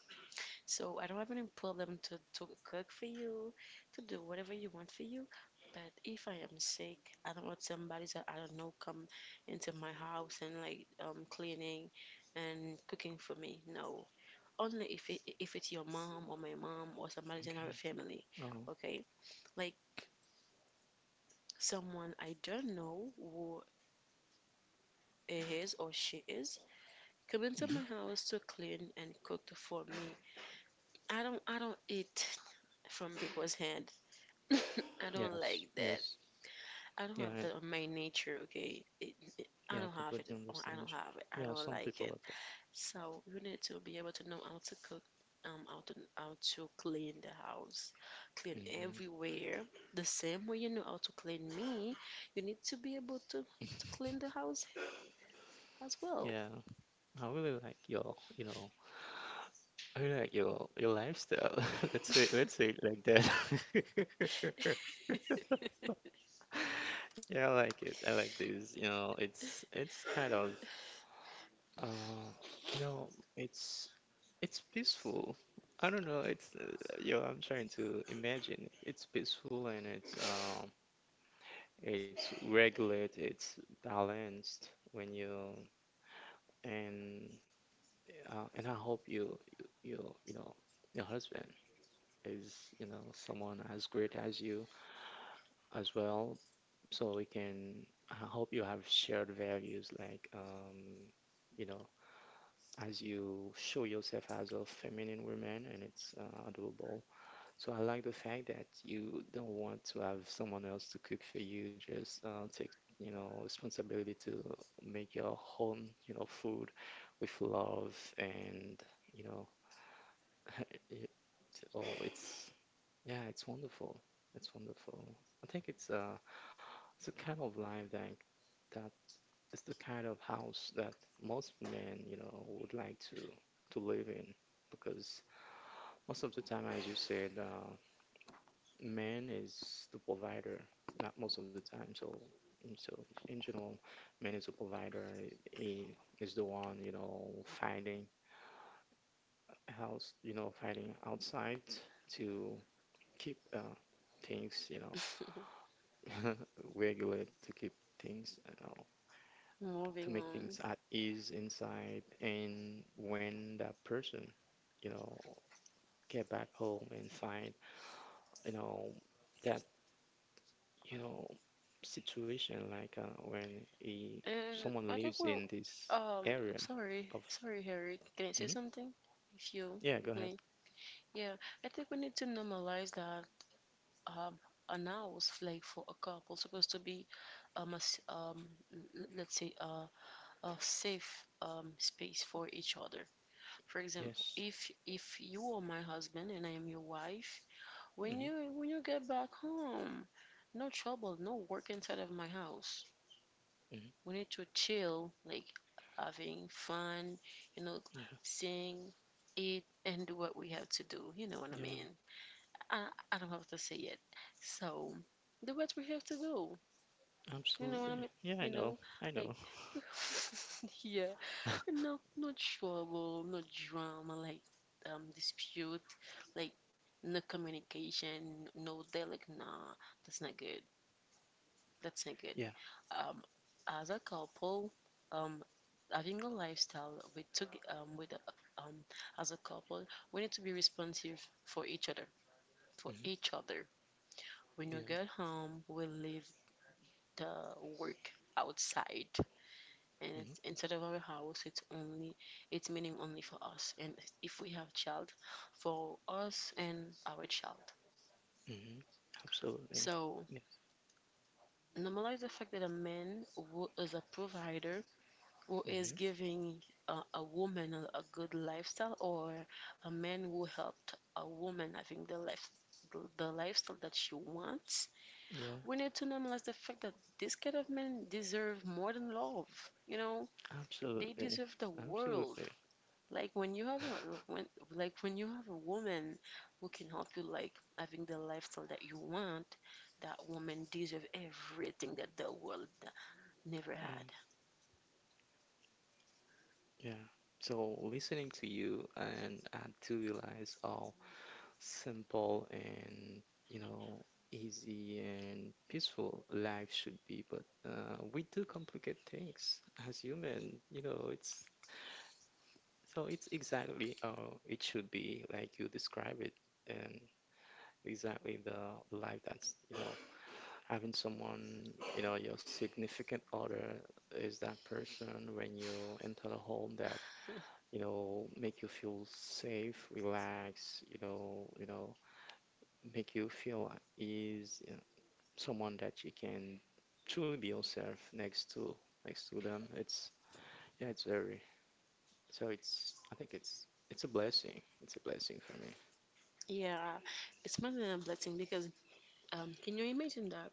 Speaker 1: So I don't have any problem to cook for you, to do whatever you want for you. But if I am sick, I don't want somebody that I don't know come into my house and like cleaning and cooking for me. No, only if it if it's your mom or my mom or somebody's in
Speaker 2: okay.
Speaker 1: our family.
Speaker 2: Oh,
Speaker 1: Okay, like someone I don't know who he is or she is come into
Speaker 2: hmm.
Speaker 1: my house to clean and cook for me. I don't eat from people's hand. I don't
Speaker 2: Yes,
Speaker 1: like that.
Speaker 2: yes,
Speaker 1: I don't
Speaker 2: yeah,
Speaker 1: have that on my nature. Okay, I
Speaker 2: yeah. I
Speaker 1: don't have it.
Speaker 2: completely
Speaker 1: Or I
Speaker 2: understand.
Speaker 1: don't have it.
Speaker 2: you.
Speaker 1: I
Speaker 2: Yeah,
Speaker 1: don't
Speaker 2: some
Speaker 1: like
Speaker 2: people
Speaker 1: it.
Speaker 2: like that.
Speaker 1: So you need to be able to know how to cook. How to clean the house, clean
Speaker 2: Hmm.
Speaker 1: everywhere. The same way you know how to clean me, you need to be able to clean the house as well.
Speaker 2: Yeah, I really like I like your lifestyle. Let's say it like that. Yeah, I like it. I like this. You know, it's kind of uh you know, it's it's peaceful. I don't know, I'm trying to imagine. It's peaceful and it's regulated, it's balanced when you and I hope you you know, your husband is, you know, someone as great as you as well, so we can. I hope you have shared values like, you know, as you show yourself as a feminine woman, and it's adorable. So I like the fact that you don't want to have someone else to cook for you. Just take responsibility to make your home, food with love and, you know, it, oh, it's yeah, it's wonderful. It's wonderful. I think it's it's the kind of life that is the kind of house that most men, you know, would like to live in because most of the time, as you said, man is the provider, not most of the time. So, so in general, man is the provider. He is the one, you know, fighting house, you know, fighting outside to keep things, you know, regular to keep things, you know, to
Speaker 1: Moving
Speaker 2: make
Speaker 1: on.
Speaker 2: things at ease inside. And when that person, you know, get back home and find, you know, that, you know, situation like when he,
Speaker 1: And
Speaker 2: someone
Speaker 1: I think
Speaker 2: lives
Speaker 1: we're
Speaker 2: in this area
Speaker 1: sorry,
Speaker 2: of,
Speaker 1: sorry, Harry. Can I say
Speaker 2: Mhm.
Speaker 1: something? If you
Speaker 2: Yeah, go
Speaker 1: with
Speaker 2: ahead.
Speaker 1: me, yeah. I think we need to normalize that um an house like for a couple supposed to be um a, s- um let's say a safe space for each other. For example,
Speaker 2: Yes.
Speaker 1: if you are my husband and I am your wife,
Speaker 2: Hmm.
Speaker 1: when you get back home, no trouble, no work inside of my house.
Speaker 2: Hmm.
Speaker 1: We need to chill, like having fun, you know,
Speaker 2: Yeah.
Speaker 1: sing, eat, and do what we have to do. You know what I
Speaker 2: Yeah.
Speaker 1: mean? I don't have to say it. So, do what we have to do. You know what I
Speaker 2: Absolutely.
Speaker 1: mean?
Speaker 2: Yeah, I
Speaker 1: You
Speaker 2: know.
Speaker 1: know,
Speaker 2: I
Speaker 1: like,
Speaker 2: know.
Speaker 1: yeah, no, no drama, like, dispute, like, no communication, no, they're like, nah, that's not good. That's not good.
Speaker 2: Yeah.
Speaker 1: Um, as a couple, um, having a lifestyle with to, with a- um, as a couple, we need to be responsive for each other. For
Speaker 2: Hmm.
Speaker 1: each other. When you
Speaker 2: Yeah.
Speaker 1: get home, we leave the work outside, and
Speaker 2: Hmm.
Speaker 1: instead of our house, it's only it's meaning only for us. And if we have child, for us and our child.
Speaker 2: Hmm. Absolutely.
Speaker 1: So
Speaker 2: Yes.
Speaker 1: normalize the fact that a man who is a provider who is
Speaker 2: Hmm.
Speaker 1: giving a woman a good lifestyle or a man who helped a woman having the life the lifestyle that she wants, we
Speaker 2: Yeah.
Speaker 1: need to normalize the fact that this kind of men deserve more than love, you know, they
Speaker 2: Absolutely.
Speaker 1: deserve the world.
Speaker 2: Absolutely.
Speaker 1: Like when you have a when like when you have a woman who can help you like having the lifestyle that you want, that woman deserve everything that the world never
Speaker 2: Yeah.
Speaker 1: had.
Speaker 2: Yeah. So listening to you and I do realize how simple and, you know, easy and peaceful life should be, but we do complicate things as human, you know, it's so it's exactly how it should be, like you describe it, and exactly the life that's, you know, having someone, you know, your significant other is that person when you enter the home that, you know, make you feel safe, relaxed, you know, make you feel at ease, you know, someone that you can truly be yourself next to, next to them. It's, yeah, it's very, so it's, I think it's a blessing. It's a blessing for me.
Speaker 1: Yeah, it's more than a blessing because um, can you imagine that?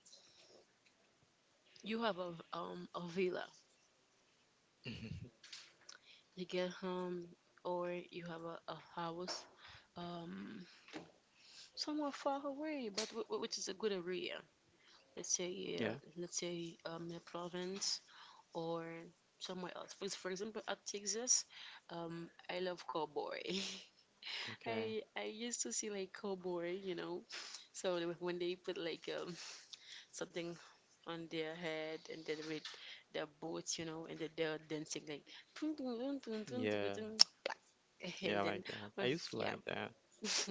Speaker 1: You have a villa. You get home or you have a house um somewhere far away, but which is a good area.
Speaker 2: Yeah,
Speaker 1: Let's say a province or somewhere else. For example, at Texas, um, I love cowboy.
Speaker 2: okay.
Speaker 1: I used to see like cowboy, you know. So like, when they put like something on their head and then with their boots, you know, and then they're dancing like "Tun, tun, tun, tun, tun, tun,
Speaker 2: Yeah,
Speaker 1: tun."
Speaker 2: yeah,
Speaker 1: And
Speaker 2: I
Speaker 1: then
Speaker 2: like that.
Speaker 1: um,
Speaker 2: I used to
Speaker 1: yeah.
Speaker 2: like that.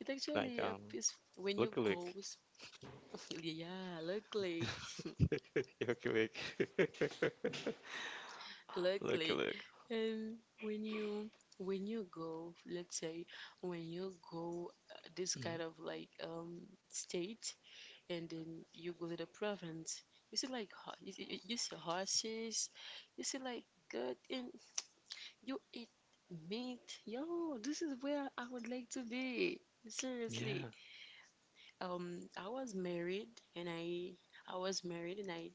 Speaker 1: It
Speaker 2: Like,
Speaker 1: actually
Speaker 2: um,
Speaker 1: is when you
Speaker 2: Look,
Speaker 1: go.
Speaker 2: look.
Speaker 1: Yeah, look like,
Speaker 2: Yoki Lake.
Speaker 1: look
Speaker 2: Looky
Speaker 1: like.
Speaker 2: look.
Speaker 1: And when you, when you go let's say when you go this kind
Speaker 2: Mhm.
Speaker 1: of like state, and then you go to the province. You see like you see horses, you see like good, and you eat meat. Yo, this is where I would like to be, seriously.
Speaker 2: Yeah.
Speaker 1: I was married, and i and I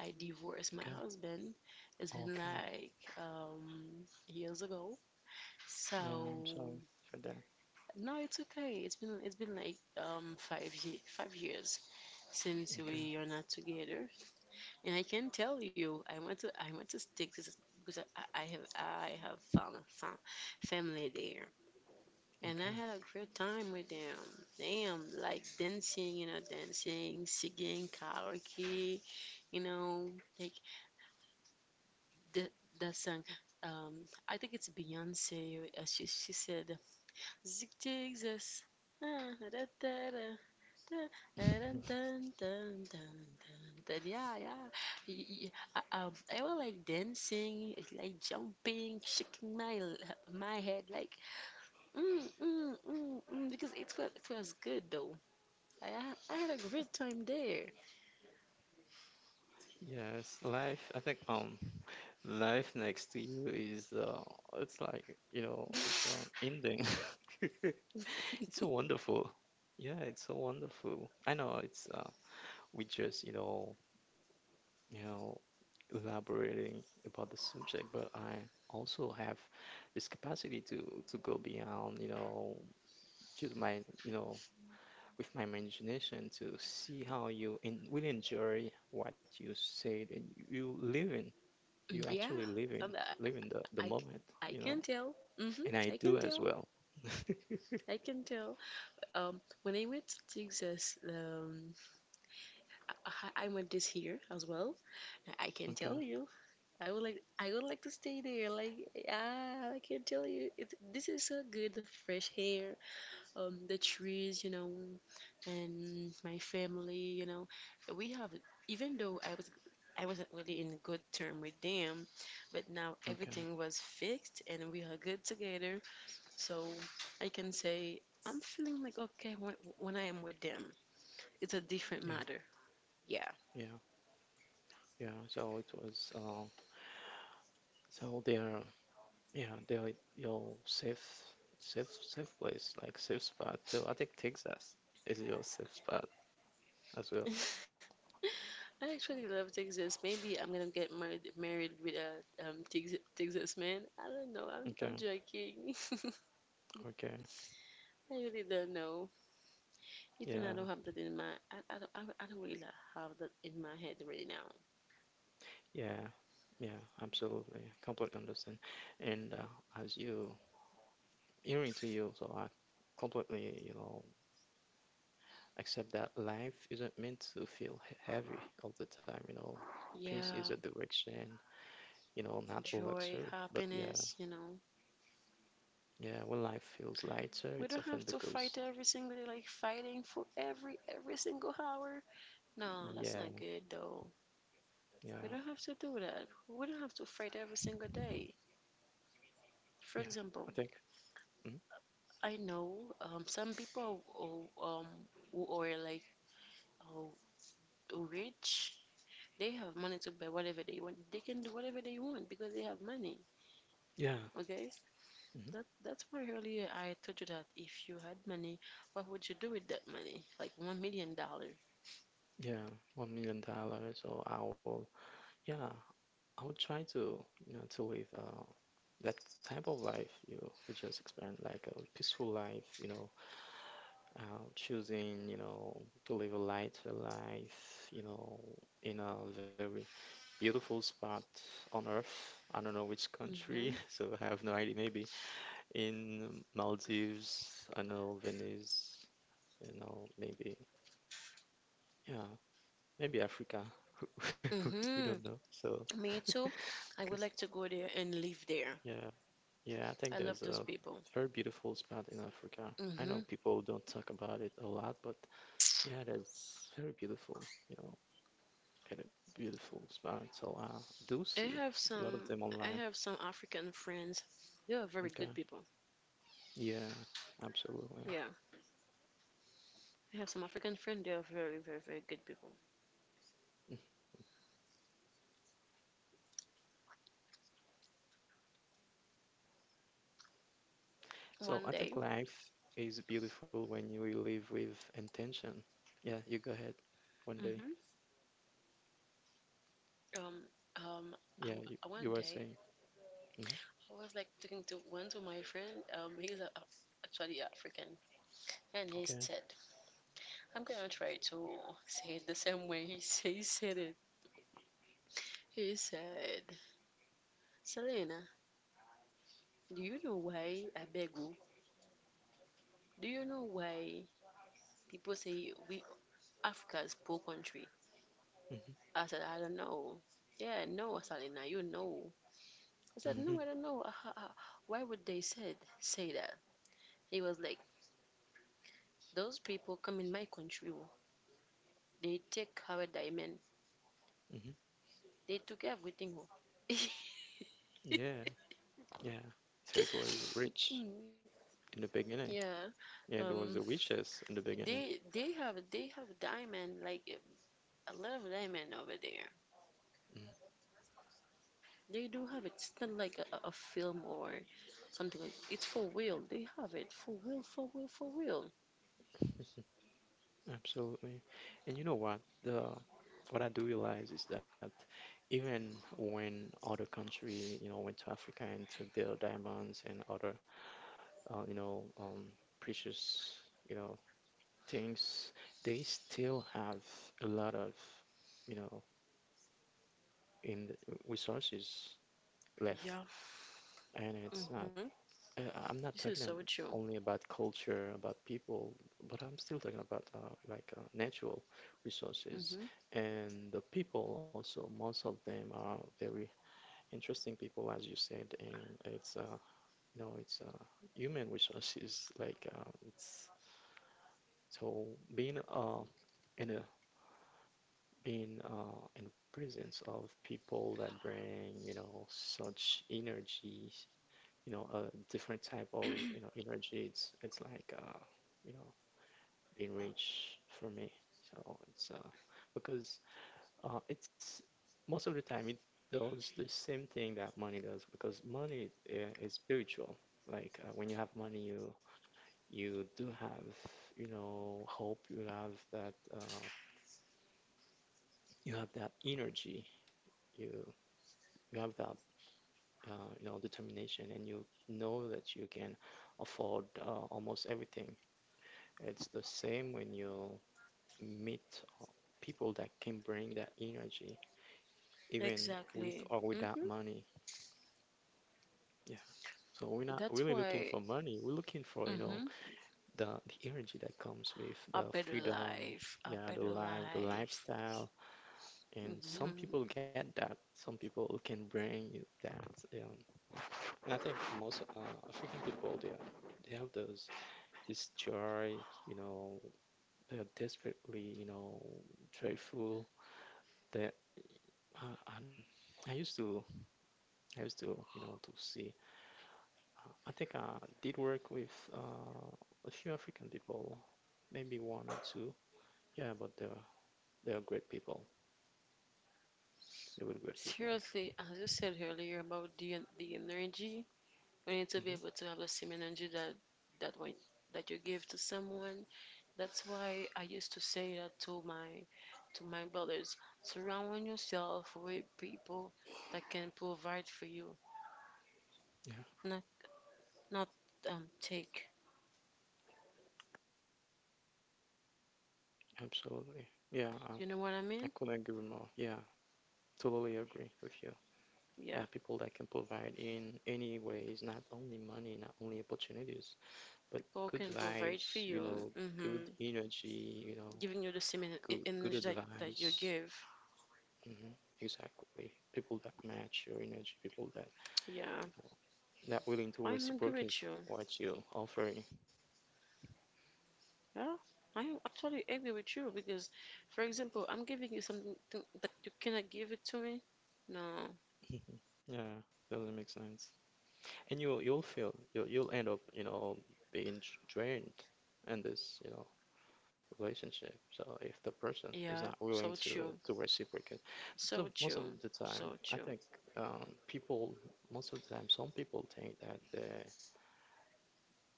Speaker 1: I divorced my
Speaker 2: Okay.
Speaker 1: husband. It's been
Speaker 2: Okay.
Speaker 1: like years ago.
Speaker 2: Yeah, I'm
Speaker 1: So
Speaker 2: sorry for that.
Speaker 1: no, it's okay, it's been like 5 years since we
Speaker 2: Okay.
Speaker 1: are not together. And I can tell you, I want to stick to this, because I have found a family there, and I had a great time with them. Damn, like dancing, you know, dancing, singing karaoke, you know, like the the song. I think it's Beyonce. She said, "Zig zigzag, ah, da da da. Dun, dun,
Speaker 2: Okay.
Speaker 1: dun, dun, dun, dun, dun." Yeah, yeah. I was like dancing, like jumping, shaking my head, like mm, mm, mm, mm, because it was good though. I had a great time there.
Speaker 2: Yes, life. I think life next to you is it's like you know, it's an ending. It's so wonderful. Yeah, it's so wonderful. I know it's we just you know, elaborating about the subject, but I also have this capacity to go beyond, you know, just my, you know, with my imagination to see how you and will enjoy what you say and you live in, you
Speaker 1: Yeah,
Speaker 2: actually live in,
Speaker 1: um,
Speaker 2: live
Speaker 1: I
Speaker 2: in the
Speaker 1: I,
Speaker 2: moment,
Speaker 1: I
Speaker 2: you know,
Speaker 1: can tell. Hmm,
Speaker 2: and I
Speaker 1: I can
Speaker 2: do as
Speaker 1: tell.
Speaker 2: well.
Speaker 1: I can tell. When I went to Texas, I went this year as well. I can
Speaker 2: Okay,
Speaker 1: tell you. I would like to stay there. Like ah, I can tell you, this is so good. The fresh air, the trees, you know, and my family, you know. We have Even though I wasn't really in good term with them, but now
Speaker 2: okay,
Speaker 1: everything was fixed and we are good together. So I can say I'm feeling like okay when I am with them. It's a different
Speaker 2: yeah,
Speaker 1: matter. Yeah.
Speaker 2: yeah, yeah. So it was, so there. Yeah, they'll your safe safe place, like safe spot. So I think Texas is your safe spot as well.
Speaker 1: I actually love Texas. Maybe I'm gonna get married with a Texas man. I don't know. I'm
Speaker 2: Okay,
Speaker 1: joking.
Speaker 2: okay.
Speaker 1: I really don't know. Even I
Speaker 2: Yeah,
Speaker 1: don't have that in my I don't really like have that in my head right now.
Speaker 2: yeah, yeah, absolutely. Completely understand. And as you hearing to you, so I completely, you know, accept that life isn't meant to feel heavy all the time, you know. Peace is a
Speaker 1: Yeah,
Speaker 2: direction, you know, not a
Speaker 1: joy,
Speaker 2: luxury. But yeah,
Speaker 1: happiness, you know.
Speaker 2: yeah, when life feels lighter,
Speaker 1: We
Speaker 2: it's
Speaker 1: don't have
Speaker 2: often
Speaker 1: to fight
Speaker 2: because
Speaker 1: every single day, like fighting for every single hour. No, that's
Speaker 2: yeah,
Speaker 1: not good though. We
Speaker 2: yeah.
Speaker 1: don't have to do that. We don't have to fight every single day. For
Speaker 2: Yeah. I
Speaker 1: example,
Speaker 2: think. Hmm.
Speaker 1: I know some people who are like oh, who rich, they have money to buy whatever they want. They can do whatever they want because they have money.
Speaker 2: Yeah.
Speaker 1: Okay,
Speaker 2: Hmm.
Speaker 1: that's why earlier I told you that if you had money, what would you do with that money? Like 1 million dollar.
Speaker 2: Yeah. $1 million. So I will. Yeah. I will try to you know to live that type of life you you just explained, like a peaceful life. You know, choosing you know to live a lighter life. You know, in a very beautiful spot on Earth. I don't know which
Speaker 1: Mm-hmm.
Speaker 2: country, so I have no idea. Maybe in Maldives. I know Venice. You know, maybe. Yeah, maybe Africa. We don't know.
Speaker 1: Mm-hmm.
Speaker 2: So,
Speaker 1: Me too. I would
Speaker 2: because,
Speaker 1: like to go there and live there.
Speaker 2: yeah, yeah, I think
Speaker 1: I
Speaker 2: there's
Speaker 1: love those
Speaker 2: a
Speaker 1: people.
Speaker 2: very beautiful spot in Africa. I
Speaker 1: Mm-hmm.
Speaker 2: know people don't talk about it a lot, but yeah, that's very beautiful, you know, kind of beautiful spot. So I do
Speaker 1: I
Speaker 2: see
Speaker 1: have
Speaker 2: a lot of
Speaker 1: some
Speaker 2: them
Speaker 1: I
Speaker 2: online.
Speaker 1: have some African friends. They are very good
Speaker 2: Okay.
Speaker 1: people.
Speaker 2: Yeah, absolutely.
Speaker 1: Yeah. I have some African friends. They are very, very, very good people.
Speaker 2: So
Speaker 1: One
Speaker 2: I
Speaker 1: day,
Speaker 2: think life is beautiful when you live with intention. Yeah, you go ahead one day.
Speaker 1: mm-hmm, um, um,
Speaker 2: Yeah, you, you
Speaker 1: one
Speaker 2: were
Speaker 1: day
Speaker 2: saying. Hmm.
Speaker 1: I was like talking to one to my friend. He's actually African, and he
Speaker 2: Okay.
Speaker 1: said, "I'm gonna try to say it the same way he said it." He said, "Selena, do you know why I beg you? Do you know why people say we Africa's poor country?"
Speaker 2: Hmm.
Speaker 1: I said, "I don't know." Yeah, no, Selena, you know. I said, no,
Speaker 2: Hmm.
Speaker 1: I don't know. Why would they said say that? He was like, those people come in my country. Oh, they take our diamond.
Speaker 2: Hmm.
Speaker 1: They took everything. Oh."
Speaker 2: Yeah, yeah. So it was rich
Speaker 1: Mm,
Speaker 2: in the beginning.
Speaker 1: yeah.
Speaker 2: Yeah, there
Speaker 1: Um,
Speaker 2: was the riches in the beginning.
Speaker 1: they have diamond like a lot of diamond over there. They do have it. It's not like a film or something. Like, it's for real. They have it for real, for real, for real.
Speaker 2: Mm. Absolutely. And you know what? The what I do realize is that even when other country, you know, went to Africa and took their diamonds and other, you know, precious, you know, things, they still have a lot of, you know, in resources left,
Speaker 1: Yeah.
Speaker 2: and it's not.
Speaker 1: Mm-hmm.
Speaker 2: uh, I'm
Speaker 1: This
Speaker 2: not
Speaker 1: is
Speaker 2: talking
Speaker 1: so true.
Speaker 2: only about culture, about people, but I'm still talking about like natural resources.
Speaker 1: Mm-hmm.
Speaker 2: And the people also, most of them are very interesting people, as you said. And it's you know, it's human resources. Like it's so being in a being in the presence of people that bring you know such energy you know a different type of you know energy it's like you know being rich for me so it's because it's most of the time it does the same thing that money does because money is spiritual like when you have money you you do have you know hope you have that energy you you have that you know determination and you know that you can afford almost everything. It's the same when you meet uh, people that can bring that energy, even with or
Speaker 1: Exactly.
Speaker 2: without
Speaker 1: Mm-hmm.
Speaker 2: money. Yeah. So we're not
Speaker 1: That's
Speaker 2: really looking
Speaker 1: why,
Speaker 2: for money. We're looking for, you know,
Speaker 1: hmm,
Speaker 2: the energy that comes with
Speaker 1: a
Speaker 2: the
Speaker 1: better
Speaker 2: freedom,
Speaker 1: life, a
Speaker 2: yeah,
Speaker 1: better
Speaker 2: the life, the
Speaker 1: life.
Speaker 2: lifestyle. And some
Speaker 1: Hmm.
Speaker 2: people get that. Some people can bring that. And I think most African people, they have those this joy, you know, they're desperately, you know, joyful. They Uh, um, I used to, I used to, you know, to see. I think I did work with a few African people, maybe one or two. Yeah, but they're great people. They were great people.
Speaker 1: Seriously, as you said earlier about the energy, we need to be
Speaker 2: Hmm.
Speaker 1: able to have the same energy that that one that you give to someone. That's why I used to say that to my brothers. Surround yourself with people that can provide for you,
Speaker 2: Yeah,
Speaker 1: not not take.
Speaker 2: absolutely. Yeah,
Speaker 1: You know what I
Speaker 2: I
Speaker 1: mean?
Speaker 2: couldn't agree more. Yeah, totally agree with you. Yeah,
Speaker 1: Yeah,
Speaker 2: people that can provide in any ways, not only money, not only opportunities, but
Speaker 1: people
Speaker 2: good
Speaker 1: can provide for
Speaker 2: vibes, you
Speaker 1: you.
Speaker 2: know,
Speaker 1: Hmm,
Speaker 2: good energy, you know,
Speaker 1: giving you the same
Speaker 2: good good
Speaker 1: energy that, you
Speaker 2: advice.
Speaker 1: give.
Speaker 2: Mhm. Exactly. People that match your energy, people that, you
Speaker 1: Yeah,
Speaker 2: know, that willing to
Speaker 1: I am agree
Speaker 2: reciprocate
Speaker 1: with you.
Speaker 2: what you offering.
Speaker 1: Yeah, I am actually agree with you because, for example, I'm giving you something that you cannot give it to me. No.
Speaker 2: Yeah, doesn't make sense. And you will you'll feel you'll end up, you know, being drained in this, you know, relationship. So if the person is
Speaker 1: Yeah,
Speaker 2: not
Speaker 1: so
Speaker 2: willing to
Speaker 1: true.
Speaker 2: reciprocate,
Speaker 1: So
Speaker 2: most
Speaker 1: true.
Speaker 2: of the time,
Speaker 1: So
Speaker 2: I think
Speaker 1: true.
Speaker 2: people most of the time some people think that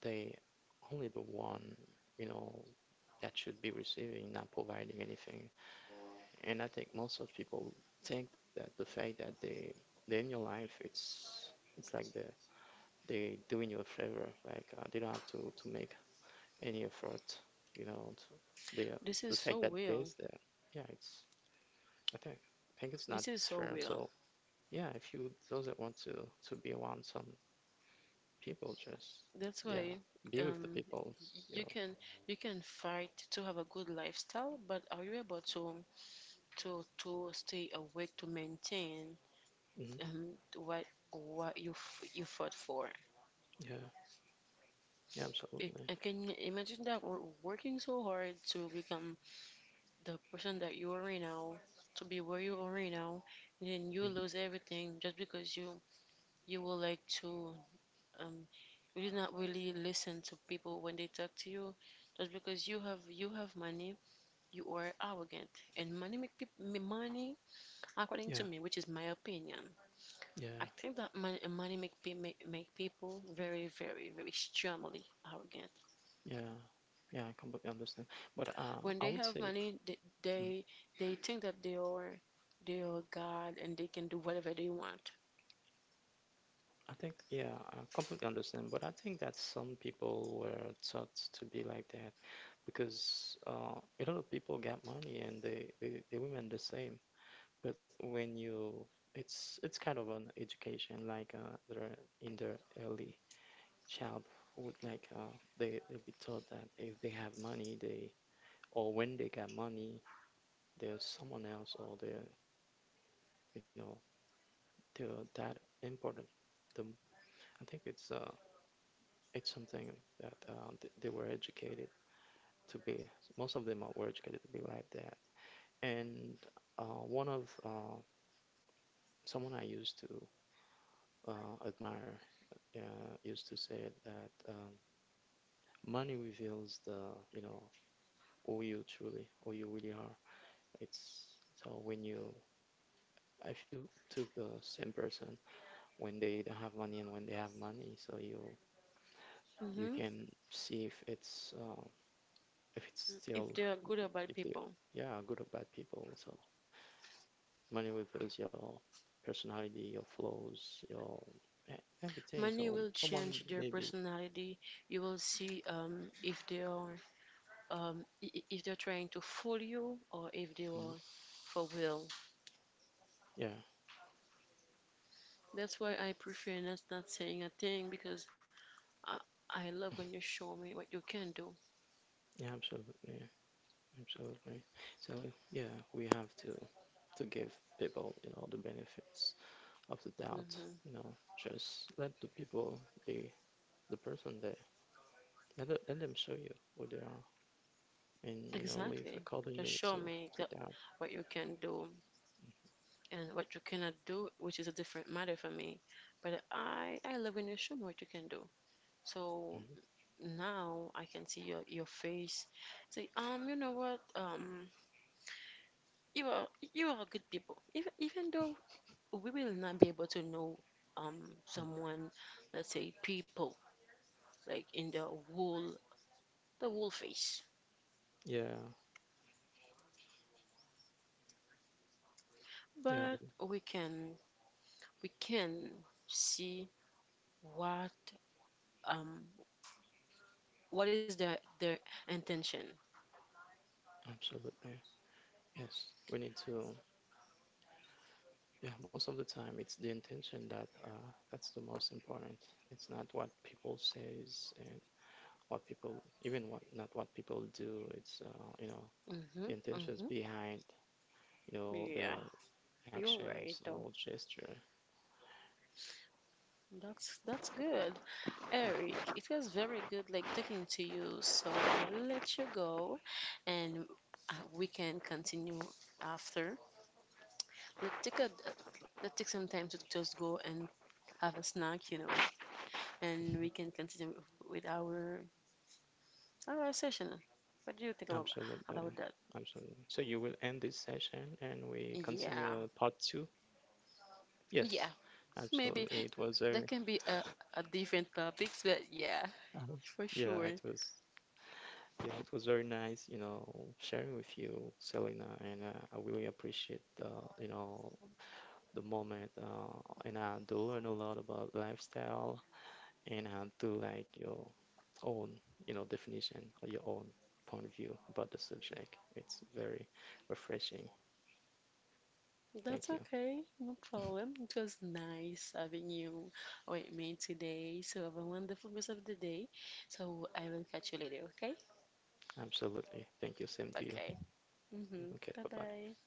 Speaker 2: they only the one you know that should be receiving, not providing anything. And I think most of people think that the fact that they they're in your life, it's like they doing you a favor, like they don't have to make any effort, you know. To, they
Speaker 1: This
Speaker 2: the
Speaker 1: is
Speaker 2: fact
Speaker 1: so
Speaker 2: that
Speaker 1: real.
Speaker 2: there's there, yeah, it's I think I think it's
Speaker 1: This
Speaker 2: not
Speaker 1: is
Speaker 2: fair.
Speaker 1: so
Speaker 2: So
Speaker 1: real.
Speaker 2: yeah, if you doesn't want to be around some people, just
Speaker 1: That's
Speaker 2: yeah,
Speaker 1: why
Speaker 2: be with the
Speaker 1: um
Speaker 2: people, you
Speaker 1: you
Speaker 2: know.
Speaker 1: can, you can fight to have a good lifestyle, but are you able to to stay awake to maintain
Speaker 2: Hmm.
Speaker 1: um, what what you f- you fought for.
Speaker 2: Yeah. Yeah,
Speaker 1: It,
Speaker 2: absolutely.
Speaker 1: I can imagine that we're working so hard to become the person that you are right now, to be where you are right now, and then you
Speaker 2: Mhm.
Speaker 1: lose everything just because you will like to, um you did not really listen to people when they talk to you, just because you have money, you are arrogant, and money make people money, according
Speaker 2: Yeah,
Speaker 1: to me, which is my opinion.
Speaker 2: yeah,
Speaker 1: I think that money, money make, pe- make make people very, very, very extremely arrogant.
Speaker 2: yeah, yeah. I completely understand. But
Speaker 1: When they
Speaker 2: I would
Speaker 1: have
Speaker 2: say,
Speaker 1: money,
Speaker 2: mm,
Speaker 1: they think that they are God and they can do whatever they want.
Speaker 2: I think, yeah, I completely understand. But I think that some people were taught to be like that because a lot of people got money and they women the same. But when you, it's kind of an education like they're in their early childhood, like they they'll be taught that if they have money, they or when they got money. There's someone else or they're you know they're that important the I think it's it's something that they were educated to be most of them were educated to be like that and one of someone I used to admire used to say that money reveals the you know who you truly who you really are it's so when you if you took the same person when they don't have money and when they have money so you
Speaker 1: Hmm.
Speaker 2: can see if it's
Speaker 1: If
Speaker 2: still
Speaker 1: they are good or bad
Speaker 2: if the
Speaker 1: people,
Speaker 2: yeah good or bad people so money reveals your personality your flaws your everything so
Speaker 1: money will
Speaker 2: someone
Speaker 1: change their
Speaker 2: maybe
Speaker 1: personality. You will see if they are if they're trying to fool you or if they
Speaker 2: mm,
Speaker 1: are for will.
Speaker 2: yeah
Speaker 1: That's why I prefer not saying a thing because I, I love when you show me what you can do.
Speaker 2: yeah absolutely absolutely so yeah we have to give people you know the benefits of the doubt
Speaker 1: Hmm.
Speaker 2: you know just let the people be the person they let, let them show you who they are and you know live
Speaker 1: Exactly. Just
Speaker 2: accordingly
Speaker 1: show
Speaker 2: to
Speaker 1: me
Speaker 2: to
Speaker 1: that
Speaker 2: that
Speaker 1: what you can do and what you cannot do, which is a different matter for me. But I love when you show me what you can do. So
Speaker 2: Mhm.
Speaker 1: now I can see your face. Say, you know what? You are you are good people. Even even though we will not be able to know someone, let's say people like in whole the whole face.
Speaker 2: Yeah, yeah,
Speaker 1: But we can see what um what is their intention.
Speaker 2: absolutely. Yes, we need to. Yeah, most of the time it's the intention that that's the most important. It's not what people says and what people, even what not what people do. It's you know the
Speaker 1: Mhm.
Speaker 2: intentions
Speaker 1: Mhm.
Speaker 2: behind you know
Speaker 1: Yeah,
Speaker 2: their
Speaker 1: you're right
Speaker 2: actions
Speaker 1: though.
Speaker 2: or gesture.
Speaker 1: That's good. Eric, it was very good like talking to you. So I will let you go, and we can continue after. Let's take a let's take some time to just go and have a snack, you know, and we can continue with our. All right, session. What do you think about
Speaker 2: Absolutely,
Speaker 1: that?
Speaker 2: absolutely. So you will end this session and we continue
Speaker 1: Yeah,
Speaker 2: part 2. Yes,
Speaker 1: yeah. Maybe
Speaker 2: absolutely. It was a
Speaker 1: that can be a different topics, but yeah, for
Speaker 2: yeah,
Speaker 1: sure.
Speaker 2: it was. Yeah, it was very nice, you know, sharing with you, Selena, and I really appreciate the, you know, the moment. And I do learn a lot about lifestyle, and I do like your own, you know, definition or your own point of view about the subject. It's very refreshing.
Speaker 1: That's
Speaker 2: Thank you.
Speaker 1: okay, no problem. It was nice having you with me today. So have a wonderful rest of the day. So I will catch you later, okay?
Speaker 2: Absolutely. Thank you. Same to you.
Speaker 1: Okay. Mm-hmm.
Speaker 2: Okay,
Speaker 1: Bye
Speaker 2: bye-bye.
Speaker 1: bye.